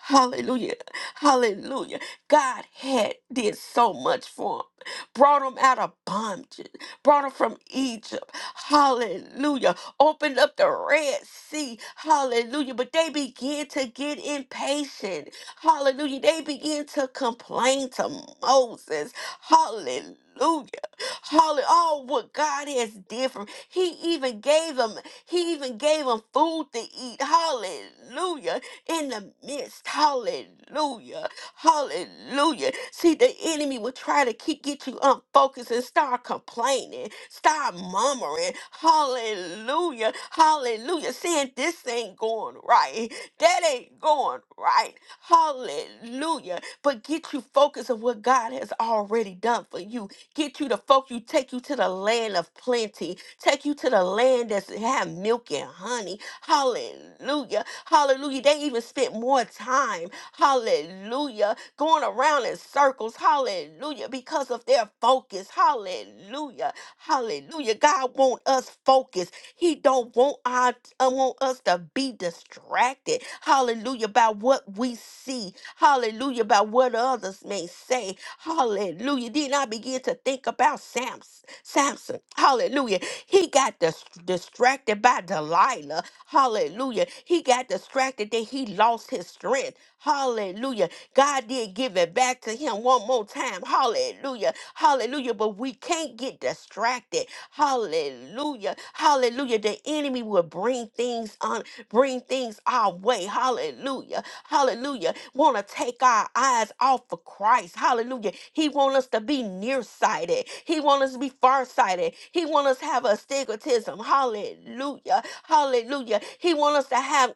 S4: Hallelujah. Hallelujah. God had did so much for him. Brought him out of bondage. Brought him from Egypt. Hallelujah. Opened up the Red Sea. Hallelujah. But they began to get impatient. Hallelujah. They began to complain to Moses. Hallelujah. Hallelujah. Oh, what God has did for him. He even gave them. He even gave them food to eat. Hallelujah. In the midst. Hallelujah. Hallelujah. See, the enemy will try to keep get you unfocused and start complaining, start murmuring. Hallelujah. Hallelujah. Saying this ain't going right. That ain't going right. Hallelujah. But get you focused on what God has already done for you. Get you to focus, you take you to the land of plenty take you to the land that's have milk and honey. Hallelujah. Hallelujah. They even spent more time, hallelujah, going around in circles, hallelujah, because of their focus. Hallelujah. Hallelujah. God want us focused. He don't want our uh, want us to be distracted. Hallelujah. By what we see. Hallelujah. By what others may say. Hallelujah. Then I begin to think about Samson. Samson. Hallelujah. He got dis- distracted by Delilah. Hallelujah. He got distracted that he lost his strength. Hallelujah. God did give it back to him one more time. Hallelujah. Hallelujah. But we can't get distracted. Hallelujah. Hallelujah. The enemy will bring things bring things our way. Hallelujah. Hallelujah. Want to take our eyes off of Christ. Hallelujah. He want us to be nearsighted. He want us to be farsighted. He want us to have astigmatism. Hallelujah. Hallelujah. He want us to have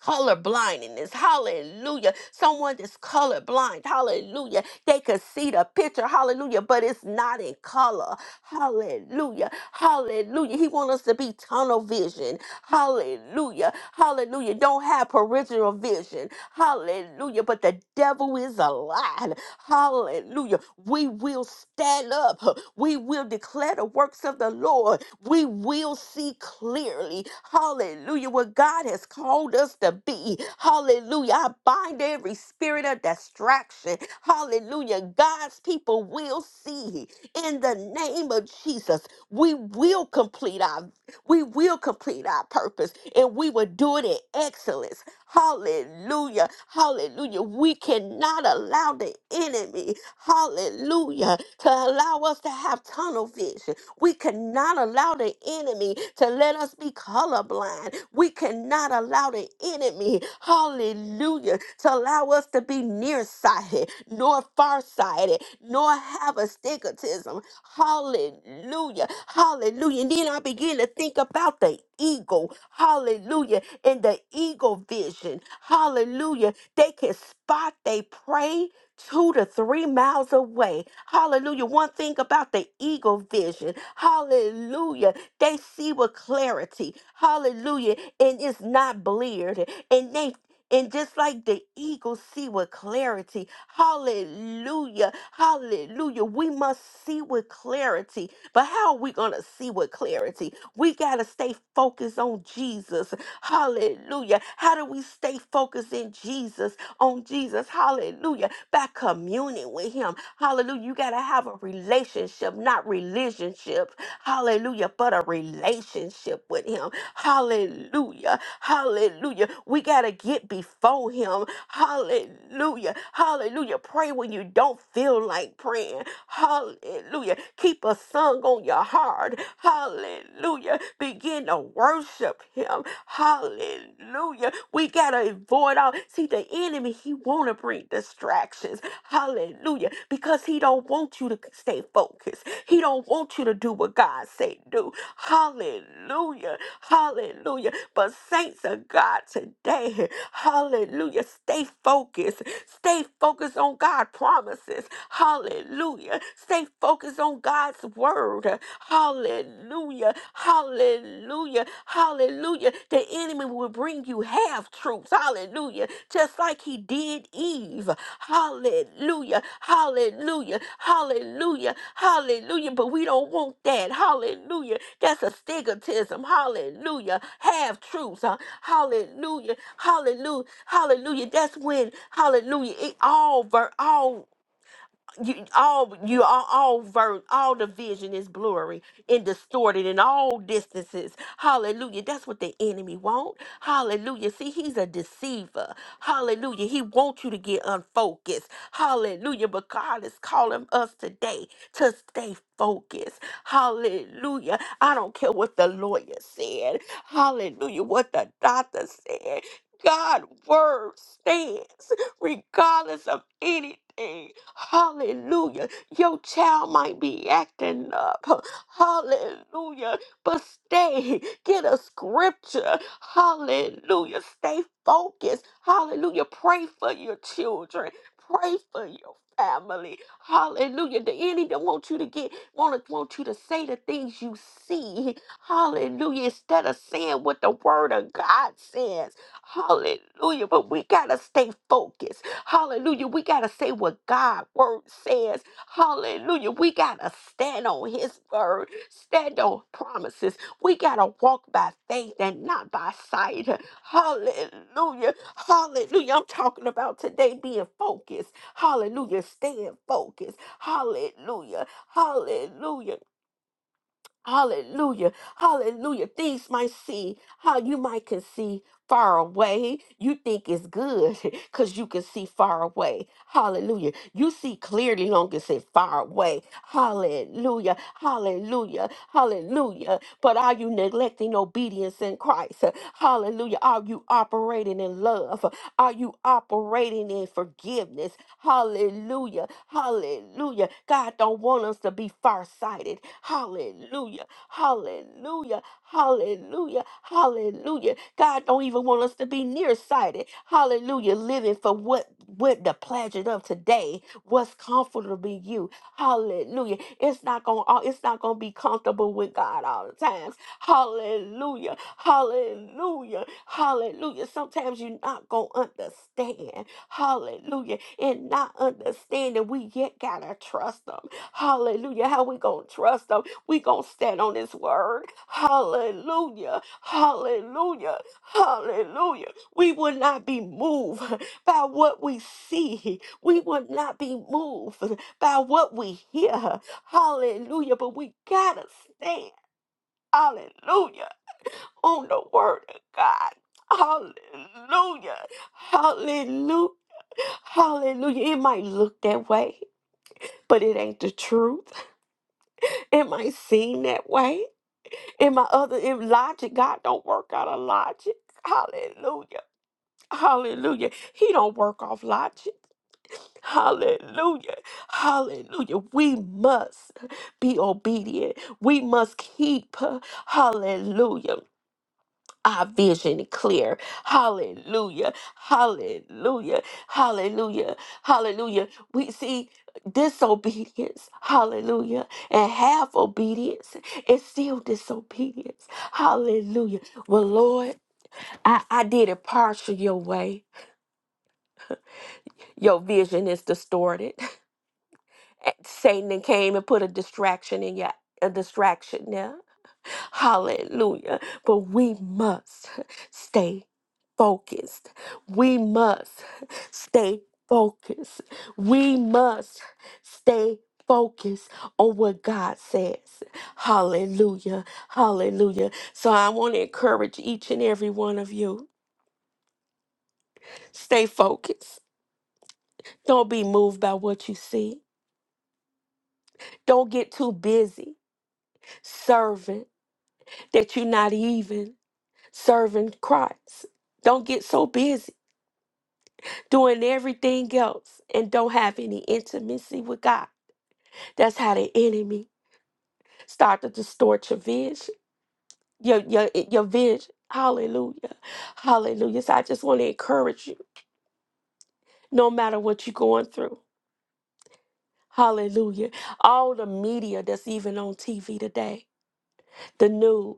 S4: color blindness hallelujah someone that's color blind hallelujah they could see the picture hallelujah but it's not in color hallelujah hallelujah he wants us to be tunnel vision hallelujah hallelujah don't have peripheral vision hallelujah but the devil is alive hallelujah we will stand up we will declare the works of the lord we will see clearly, hallelujah, what God has called us to be. Hallelujah. I bind every spirit of distraction. Hallelujah. God's people will see in the name of Jesus. We will complete our we will complete our purpose and we will do it in excellence. Hallelujah. Hallelujah. We cannot allow the enemy, hallelujah, to allow us to have tunnel vision. We cannot allow the enemy to let us be colorblind. We cannot allow the enemy, hallelujah, to allow us to be nearsighted, nor farsighted, nor have astigmatism. Hallelujah. Hallelujah. And then I begin to think about the eagle. Hallelujah. And the eagle vision. Hallelujah. They can spot they prey two to three miles away. Hallelujah. One thing about the eagle vision. Hallelujah. They see with clarity. Hallelujah. And it's not bleared. And they and just like the eagle see with clarity, hallelujah, hallelujah, we must see with clarity. But how are we going to see with clarity? We got to stay focused on Jesus, hallelujah. How do we stay focused in Jesus? on Jesus. Hallelujah. By communing with him. Hallelujah. You got to have a relationship, not relationship. Hallelujah. But a relationship with him. Hallelujah. Hallelujah. We got to get before him. Hallelujah. Hallelujah. Pray when you don't don't feel like praying. Hallelujah. Keep a song on your heart. Hallelujah. Begin to worship him. Hallelujah. We got to avoid all. See, the enemy, he want to bring distractions. Hallelujah. Because he don't want you to stay focused. He don't want you to do what God say do. Hallelujah. Hallelujah. But saints of God today, hallelujah, stay focused. Stay focused on God's promises. Hallelujah. Stay focused on God's word. Hallelujah. Hallelujah. Hallelujah. The enemy will bring you half truths. Hallelujah just like he did Eve. Hallelujah. Hallelujah. Hallelujah. Hallelujah. But we don't want that. Hallelujah. That's a stigmatism. Hallelujah. Half truths. Huh? Hallelujah. Hallelujah. Hallelujah. That's when hallelujah. It all ver all you all you all all ver- all the vision is blurry and distorted in all distances hallelujah that's what the enemy want hallelujah see he's a deceiver hallelujah he wants you to get unfocused hallelujah but god is calling us today to stay focused hallelujah i don't care what the lawyer said hallelujah what the doctor said god word stands regardless of anything Hallelujah. Your child might be acting up. Hallelujah. But stay. Get a scripture. Hallelujah. Stay focused. Hallelujah. Pray for your children. Pray for your family. Hallelujah. The enemy don't want you to get want, want you to say the things you see. Hallelujah. Instead of saying what the word of God says. Hallelujah. But we gotta stay focused. Hallelujah. We got to say what God's word says. Hallelujah. We got to stand on his word, stand on promises. We got to walk by faith and not by sight. Hallelujah. Hallelujah. I'm talking about today being focused. Hallelujah. Staying focused. Hallelujah. Hallelujah. Hallelujah. Hallelujah. Things might see how you might can see far away. You think it's good because you can see far away. Hallelujah. You see clearly long as it's far away. Hallelujah. Hallelujah. Hallelujah. But are you neglecting obedience in Christ? Hallelujah. Are you operating in love? Are you operating in forgiveness? Hallelujah. Hallelujah. God don't want us to be farsighted. Hallelujah. Hallelujah. Hallelujah. Hallelujah. God don't even want us to be nearsighted. Hallelujah. Living for what what the pleasure of today, what's comfortable to you. Hallelujah. It's not gonna uh, it's not gonna be comfortable with God all the time. Hallelujah. Hallelujah. Hallelujah. Sometimes you're not going to understand. Hallelujah. And not understanding, we yet got to trust them. Hallelujah. How we going to trust them? We going to stand on his word. Hallelujah. Hallelujah. Hallelujah. We will not be moved by what we see. We will not be moved by what we hear. Hallelujah. But we got to stand. Hallelujah. On the word of God. Hallelujah. Hallelujah. Hallelujah. It might look that way, but it ain't the truth. It might seem that way. In my other in logic, God don't work out of logic. Hallelujah. Hallelujah. He don't work off logic. Hallelujah. Hallelujah. We must be obedient. We must keep. Hallelujah. our vision clear. Hallelujah. Hallelujah. Hallelujah. Hallelujah. We see disobedience. Hallelujah. And half obedience is still disobedience. Hallelujah. Well, Lord, I, I did it partial your way. Your vision is distorted. Eh, Satan then came and put a distraction in your a distraction there. Hallelujah. But we must stay focused. We must stay focused. We must stay focused on what God says. Hallelujah. Hallelujah. So I want to encourage each and every one of you stay focused. Don't be moved by what you see. Don't get too busy serving. that you're not even serving Christ. Don't get so busy doing everything else and don't have any intimacy with God. That's how the enemy start to distort your vision, your your your vision. Hallelujah, Hallelujah. So I just want to encourage you, no matter what you're going through. Hallelujah. All the media that's even on TV today, the news,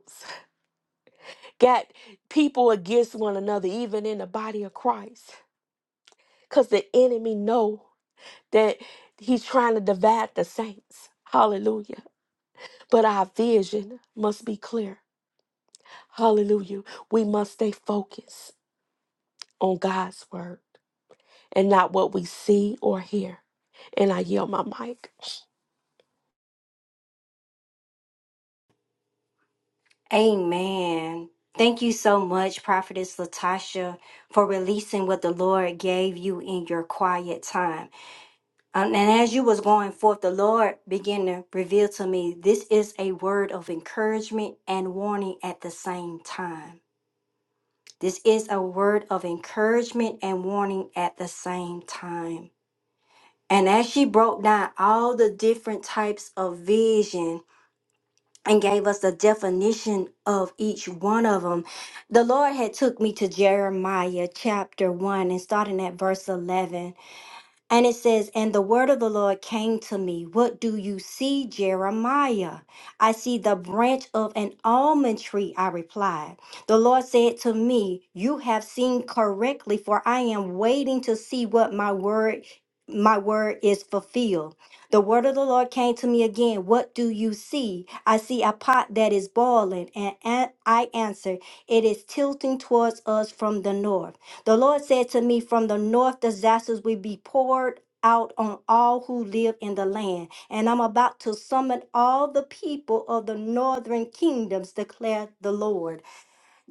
S4: got people against one another, even in the body of Christ because the enemy know that he's trying to divide the saints. Hallelujah. But our vision must be clear. Hallelujah. We must stay focused on God's word and not what we see or hear. And I yell my mic.
S1: Amen. Thank you so much, Prophetess Latasha, for releasing what the Lord gave you in your quiet time. Um, and as you was going forth, the Lord began to reveal to me this is a word of encouragement and warning at the same time. This is a word of encouragement and warning at the same time. And as she broke down all the different types of vision and gave us the definition of each one of them, the Lord had took me to Jeremiah chapter 1 and starting at verse 11. And it says, And the word of the Lord came to me. What do you see, Jeremiah? I see the branch of an almond tree, I replied. The Lord said to me, You have seen correctly, for I am waiting to see what my word my word is fulfilled. The word of the Lord came to me again. What do you see? I see a pot that is boiling, and a- I answered, It is tilting towards us from the north. The Lord said to me, From the north, disasters will be poured out on all who live in the land. And I'm about to summon all the people of the northern kingdoms, declare the Lord.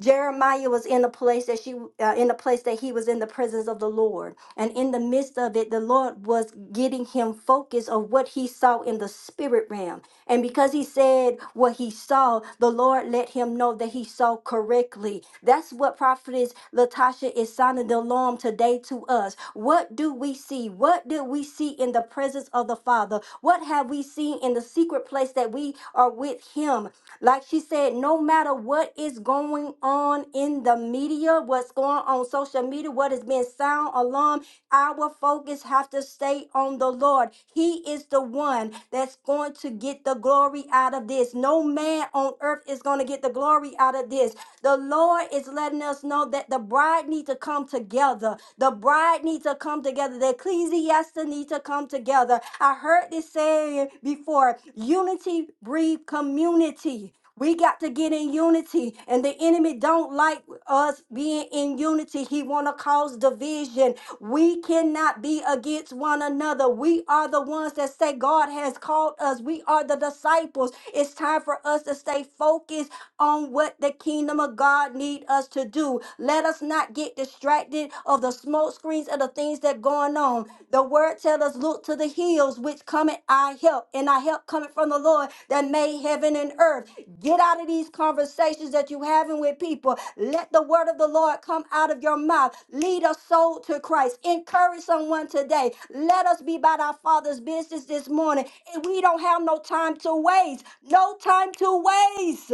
S1: Jeremiah was in the place that she uh, in the place that he was in the presence of the Lord. And in the midst of it, the Lord was getting him focused of what he saw in the spirit realm. And because he said what he saw, the Lord let him know that he saw correctly. That's what prophetess Latasha is sounding the alarm today to us. What do we see? What did we see in the presence of the Father? What have we seen in the secret place that we we are with Him. Like she said, no matter what is going on in the media, what's going on social media, what has been sound alarm, our focus have to stay on the Lord. He is the one that's going to get the glory out of this. No man on earth is going to get the glory out of this. The Lord is letting us know that the bride need to come together. The bride needs to come together. The Ecclesiastes still need to come together. I heard this saying before unity breeds community. We got to get in unity, and the enemy don't like us being in unity. He want to cause division. We cannot be against one another. We are the ones that say God has called us. We are the disciples. It's time for us to stay focused on what the kingdom of God need us to do. Let us not not get distracted of the smoke screens of the things that going on. The word tells us, look to the hills which cometh our help, and our help coming from the Lord that made heaven and earth. Get out of these conversations that you having with people. Let the word of the Lord come out of your mouth. Lead a soul to Christ. Encourage someone today. Let us be about our Father's business this morning. And we don't have no time to waste. No time to waste.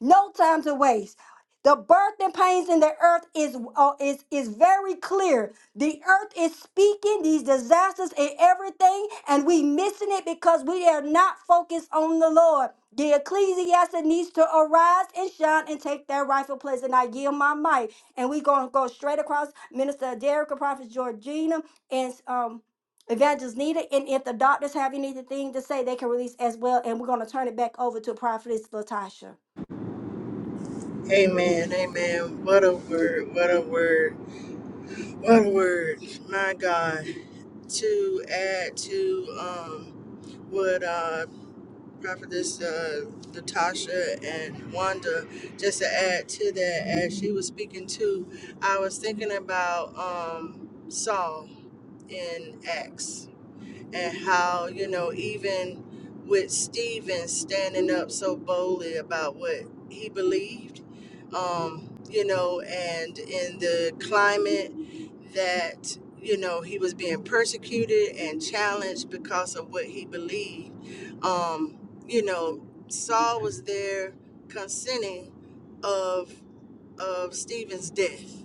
S1: No time to waste. The birth and pains in the earth is uh, is is very clear. The earth is speaking these disasters and everything, and we missing it because we are not focused on the Lord. The ecclesiastic needs to arise and shine and take their rightful place. And I yield my mic. And we're gonna go straight across Minister Derrick, Prophet Georgina, and um Evangelist Nita. And if the doctors have anything to say, they can release as well. And we're gonna turn it back over to Prophetess Latasha.
S3: Amen, amen. What a word, what a word, what a word. My God. To add to um what uh prophetess uh Natasha and Wanda, just to add to that as she was speaking too, I was thinking about um Saul in Acts and how, you know, even with Stephen standing up so boldly about what he believed um, you know, and in the climate that, you know, he was being persecuted and challenged because of what he believed. Um, you know, Saul was there consenting of of Stephen's death.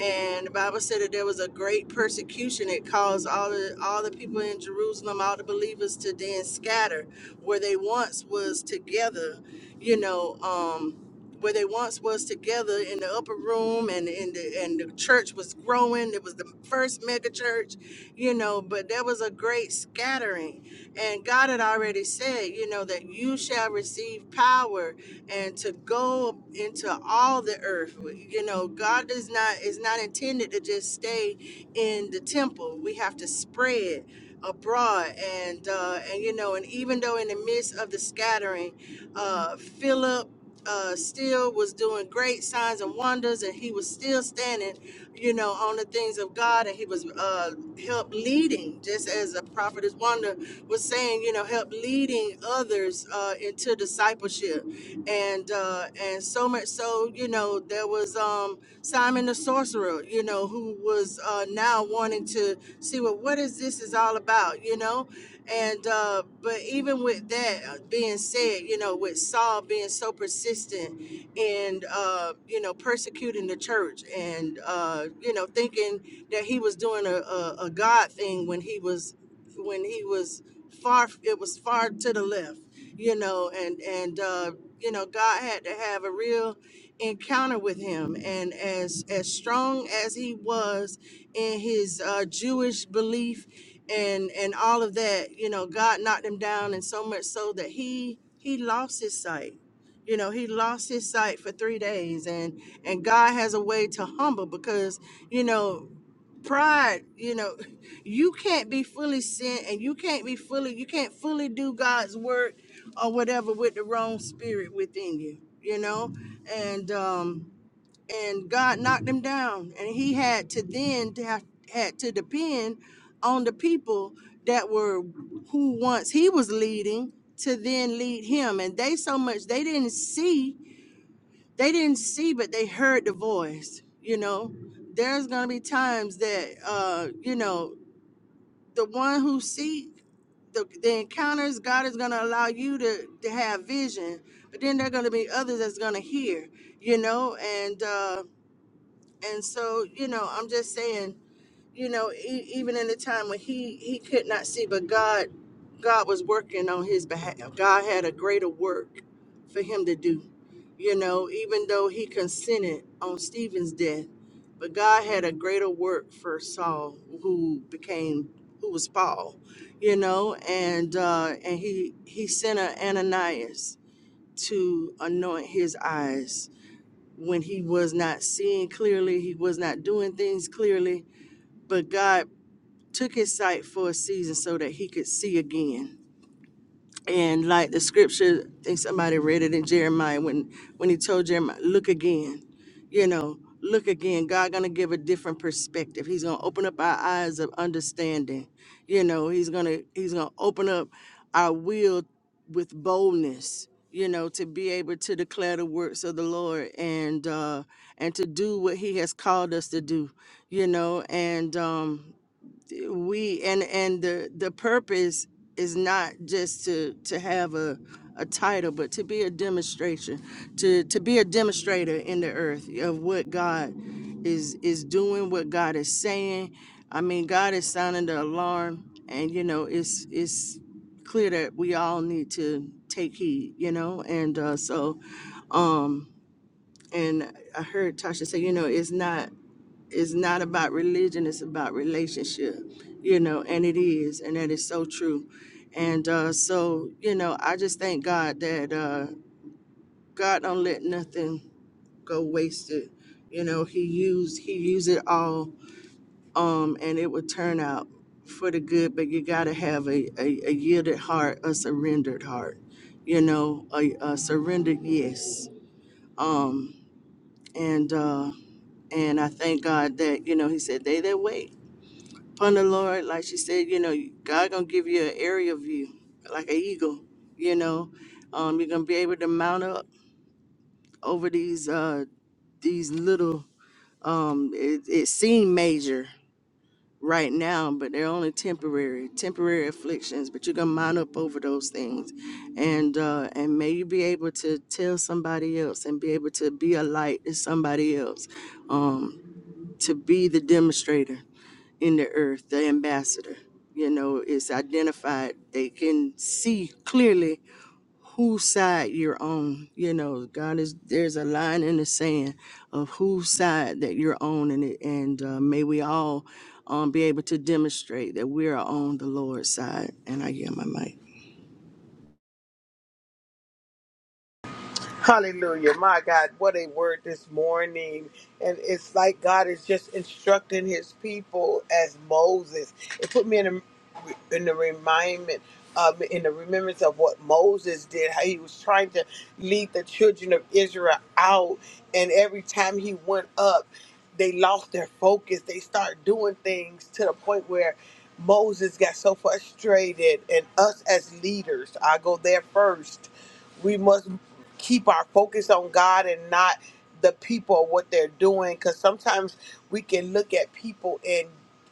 S3: And the Bible said that there was a great persecution. It caused all the all the people in Jerusalem, all the believers to then scatter where they once was together, you know, um, where they once was together in the upper room and in the and the church was growing it was the first mega church you know but there was a great scattering and god had already said you know that you shall receive power and to go into all the earth you know god does not is not intended to just stay in the temple we have to spread abroad and uh and you know and even though in the midst of the scattering uh philip uh, still was doing great signs and wonders, and he was still standing, you know, on the things of God, and he was uh, help leading, just as the prophetess Wanda was saying, you know, help leading others uh, into discipleship, and uh, and so much so, you know, there was um, Simon the sorcerer, you know, who was uh, now wanting to see what what is this is all about, you know, and uh, but even with that uh, being said, you know, with Saul being so persistent and uh, you know persecuting the church and uh, you know thinking that he was doing a, a, a God thing when he was when he was far it was far to the left you know, and and uh, you know, God had to have a real encounter with him. And as as strong as he was in his uh, Jewish belief and and all of that, you know, God knocked him down, and so much so that he he lost his sight. You know, he lost his sight for three days, and and God has a way to humble because you know pride you know you can't be fully sent and you can't be fully you can't fully do god's work or whatever with the wrong spirit within you you know and um and god knocked him down and he had to then to have had to depend on the people that were who once he was leading to then lead him and they so much they didn't see they didn't see, but they heard the voice. You know, there's gonna be times that uh, you know the one who seek the, the encounters, God is gonna allow you to to have vision, but then there are gonna be others that's gonna hear. You know, and uh, and so you know, I'm just saying you know, e- even in the time when he he could not see, but God, God was working on his behalf. God had a greater work for him to do. You know, even though he consented on Stephen's death, but God had a greater work for Saul, who became who was Paul. You know, and uh, and he he sent a Ananias to anoint his eyes when he was not seeing clearly, he was not doing things clearly but God took his sight for a season so that he could see again. And like the scripture, I think somebody read it in Jeremiah when when he told Jeremiah, "Look again," you know, look again. God gonna give a different perspective. He's gonna open up our eyes of understanding. You know, he's gonna he's gonna open up our will with boldness. You know, to be able to declare the works of the Lord and uh, and to do what He has called us to do. You know, and um, we and and the the purpose is not just to to have a a title but to be a demonstration to to be a demonstrator in the earth of what god is is doing what god is saying i mean god is sounding the alarm and you know it's it's clear that we all need to take heed you know and uh so um and i heard tasha say you know it's not it's not about religion it's about relationship you know and it is and that is so true and uh so you know i just thank god that uh god don't let nothing go wasted you know he used he used it all um and it would turn out for the good but you got to have a, a a yielded heart a surrendered heart you know a, a surrendered yes um and uh and I thank God that, you know, he said, they that wait. upon the Lord, like she said, you know, God gonna give you an area view, like an eagle. You know, um, you're gonna be able to mount up over these uh these little um. It, it seem major right now, but they're only temporary, temporary afflictions. But you're gonna mount up over those things, and uh, and may you be able to tell somebody else and be able to be a light to somebody else, um, to be the demonstrator in the earth, the ambassador, you know, is identified. They can see clearly whose side you're on. You know, God is there's a line in the sand of whose side that you're on, and it, and uh, may we all um, be able to demonstrate that we are on the Lord's side. And I hear my mic.
S2: Hallelujah. My God, what a word this morning. And it's like God is just instructing his people as Moses. It put me in a, in the remindment um, in the remembrance of what Moses did, how he was trying to lead the children of Israel out. And every time he went up, they lost their focus. They start doing things to the point where Moses got so frustrated. And us as leaders, I go there first we must keep our focus on God and not the people or what they're doing because sometimes we can look at people and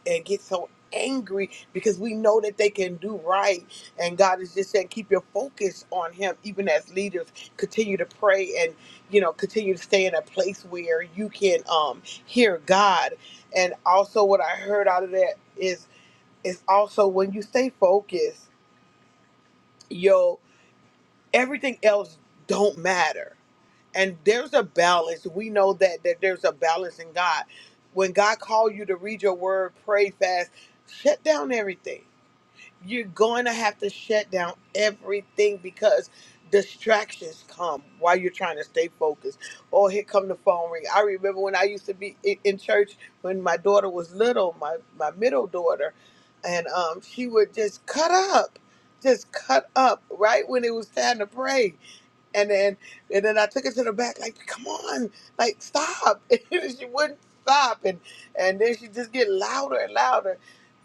S2: and get so angry because we know that they can do right and God is just saying keep your focus on him even as leaders continue to pray and you know continue to stay in a place where you can um hear God and also what I heard out of that is is also when you stay focused yo everything else don't matter and there's a balance we know that that there's a balance in god when god called you to read your word pray fast shut down everything you're going to have to shut down everything because distractions come while you're trying to stay focused oh here come the phone ring i remember when i used to be i- in church when my daughter was little my my middle daughter and um she would just cut up just cut up right when it was time to pray and then and then I took her to the back, like, come on, like stop. And she wouldn't stop. And and then she just get louder and louder.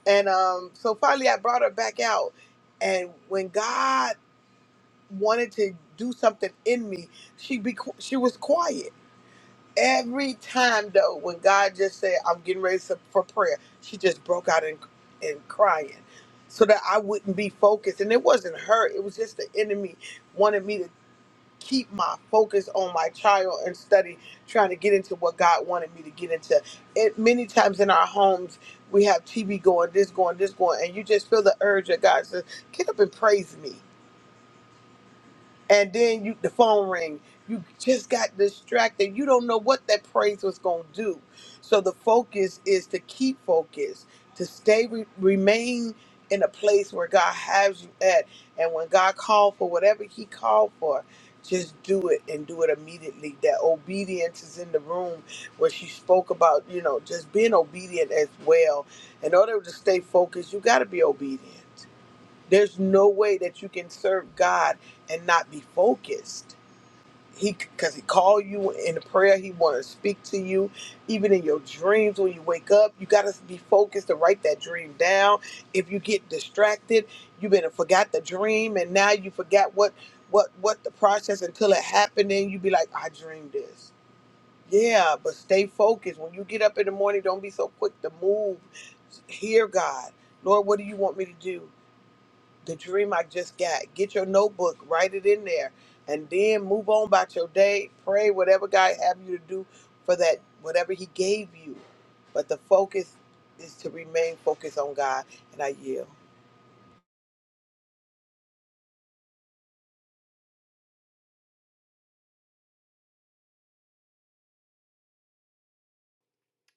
S2: And um, so finally I brought her back out. And when God wanted to do something in me, she be qu- she was quiet. Every time though, when God just said, I'm getting ready to- for prayer, she just broke out and and crying. So that I wouldn't be focused. And it wasn't her, it was just the enemy wanted me to keep my focus on my child and study, trying to get into what God wanted me to get into. It many times in our homes we have TV going, this going, this going, and you just feel the urge that God says, "Get up and praise me." and then you the phone ring you just got distracted you don't know what that praise was going to do so the focus is to keep focus to stay re- remain in a place where god has you at and when god called for whatever he called for just do it and do it immediately that obedience is in the room where she spoke about you know just being obedient as well in order to stay focused you got to be obedient there's no way that you can serve God and not be focused. He because he called you in prayer, he want to speak to you, even in your dreams when you wake up. You got to be focused to write that dream down. If you get distracted, you better forgot the dream, and now you forgot what what what the process until it happened, and you be like, I dreamed this. Yeah, but stay focused. When you get up in the morning, don't be so quick to move. Hear God, Lord, what do you want me to do? the dream I just got. Get your notebook, write it in there, and then move on about your day. Pray whatever God have you to do for that, whatever He gave you. But the focus is to remain focused on God, and I yield.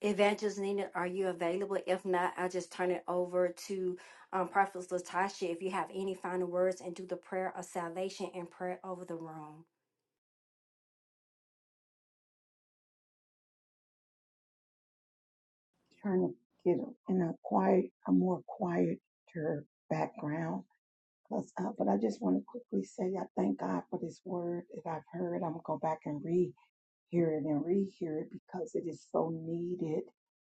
S1: Evangelist Nina, are you available? If not, I'll just turn it over to um, Prophet Latasha if you have any final words and do the prayer of salvation and prayer over the room.
S5: trying to get a- in a quiet, a more quieter background. 'cause, uh, but I just want to quickly say I thank God for this word that I've heard. I'm gonna go back and rehear it and rehear it because it is so needed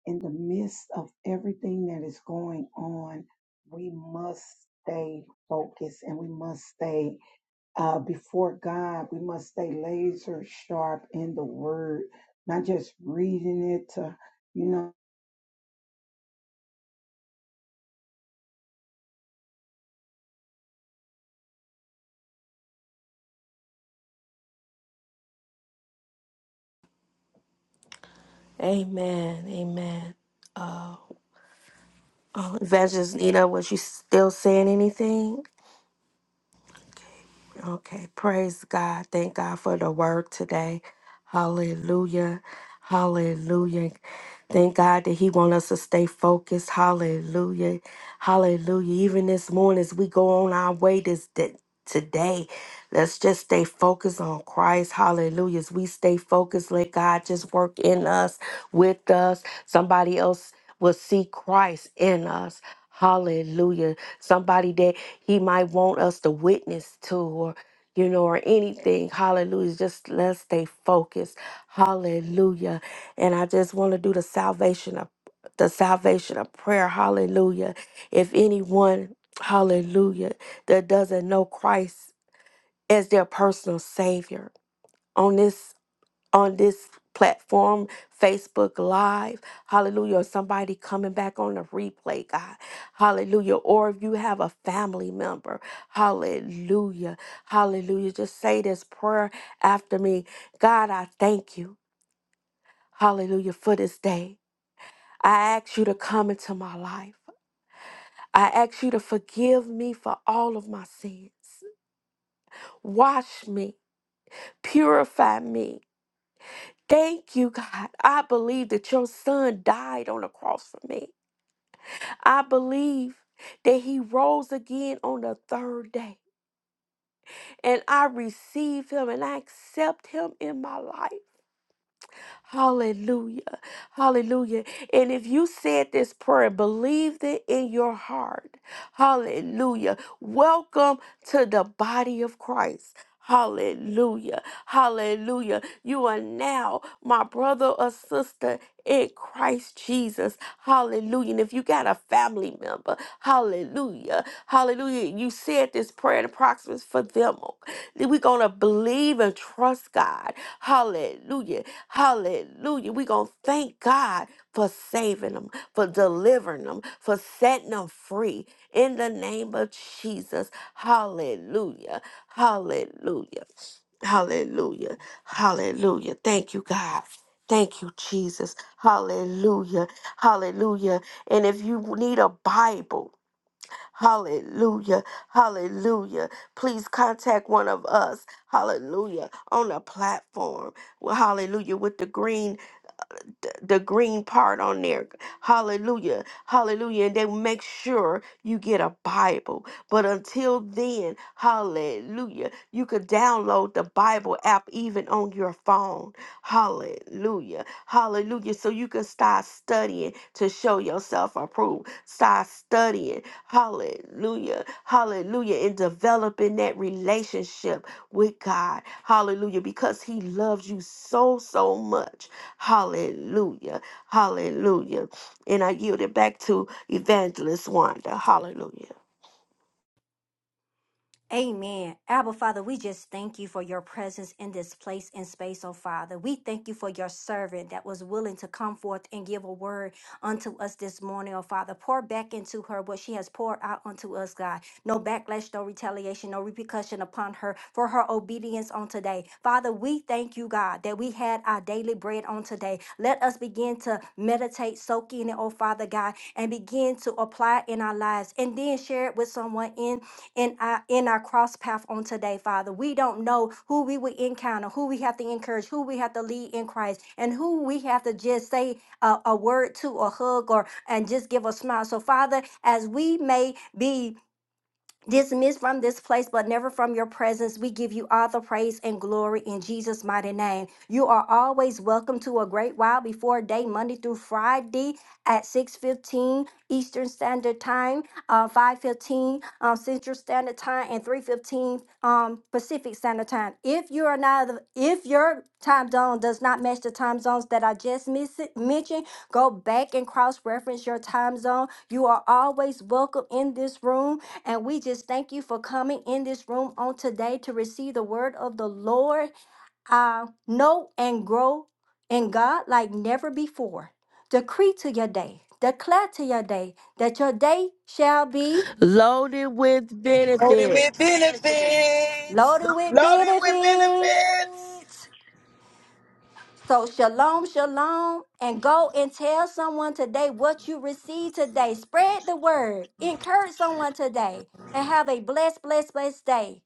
S5: in the midst of everything that is going on. We must stay focused and we must stay uh, before God. We must stay laser sharp in the word, not just reading it to you know.
S4: Amen. Amen. Uh, uh, Evangelist Nina, was you still saying anything? Okay, praise God. Thank God for the word today. Hallelujah. Hallelujah. Thank God that He wants us to stay focused. Hallelujah. Hallelujah. Even this morning, as we go on our way this day, today, let's just stay focused on Christ. Hallelujah. As we stay focused, let God just work in us, with us. Somebody else will see Christ in us. Hallelujah. Somebody that He might want us to witness to you know, or anything. Hallelujah. Just let's stay focused. Hallelujah. And I just want to do the salvation of the salvation of prayer. Hallelujah. If anyone, hallelujah, that doesn't know Christ as their personal savior on this on this platform, Facebook Live, hallelujah, or somebody coming back on the replay, God, hallelujah, or if you have a family member, hallelujah, hallelujah, just say this prayer after me God, I thank you, hallelujah, for this day. I ask you to come into my life. I ask you to forgive me for all of my sins. Wash me, purify me, Thank you, God. I believe that your son died on the cross for me. I believe that he rose again on the third day. And I receive him and I accept him in my life. Hallelujah. Hallelujah. And if you said this prayer and believed it in your heart, hallelujah. Welcome to the body of Christ. Hallelujah. Hallelujah. You are now my brother or sister in Christ Jesus. Hallelujah. And if you got a family member, hallelujah. Hallelujah. You said this prayer in approximates for them. We're going to believe and trust God. Hallelujah. Hallelujah. We're going to thank God for saving them, for delivering them, for setting them free in the name of Jesus. Hallelujah. Hallelujah. Hallelujah. Hallelujah. Thank you, God. Thank you, Jesus. Hallelujah. Hallelujah. And if you need a Bible, Hallelujah. Hallelujah. Please contact one of us. Hallelujah. On a platform. Well, hallelujah. With the green th- the green part on there. Hallelujah. Hallelujah. And then make sure you get a Bible. But until then, hallelujah, you could download the Bible app even on your phone. Hallelujah. Hallelujah. So you can start studying to show yourself approved. Start studying. Hallelujah. Hallelujah. And developing that relationship with God. Hallelujah. Because He loves you so, so much. Hallelujah. Hallelujah. And I yield it back to Evangelist Wanda. Hallelujah.
S1: Amen. Abba, Father, we just thank you for your presence in this place and space, oh Father. We thank you for your servant that was willing to come forth and give a word unto us this morning, oh Father. Pour back into her what she has poured out unto us, God. No backlash, no retaliation, no repercussion upon her for her obedience on today. Father, we thank you, God, that we had our daily bread on today. Let us begin to meditate, soak in it, oh Father God, and begin to apply it in our lives and then share it with someone in in our in our cross path on today, Father. We don't know who we will encounter, who we have to encourage, who we have to lead in Christ, and who we have to just say a, a word to or hug or and just give a smile. So, Father, as we may be dismissed from this place, but never from your presence. We give you all the praise and glory in Jesus' mighty name. You are always welcome to a great while before day, Monday through Friday at 6.15 Eastern Standard Time, uh, 5.15 um, Central Standard Time, and 3.15 um, Pacific Standard Time. If you are not, if your time zone does not match the time zones that I just miss mentioned, go back and cross-reference your time zone. You are always welcome in this room and we just thank you for coming in this room on today to receive the word of the Lord. Uh, know and grow in God like never before. Decree to your day, declare to your day that your day shall be
S4: Loaded with
S6: Loaded with
S4: benefits.
S6: benefits.
S1: loaded with
S2: Loaded with
S1: benefits.
S2: benefits.
S1: So, shalom, shalom, and go and tell someone today what you received today. Spread the word, encourage someone today, and have a blessed, blessed, blessed day.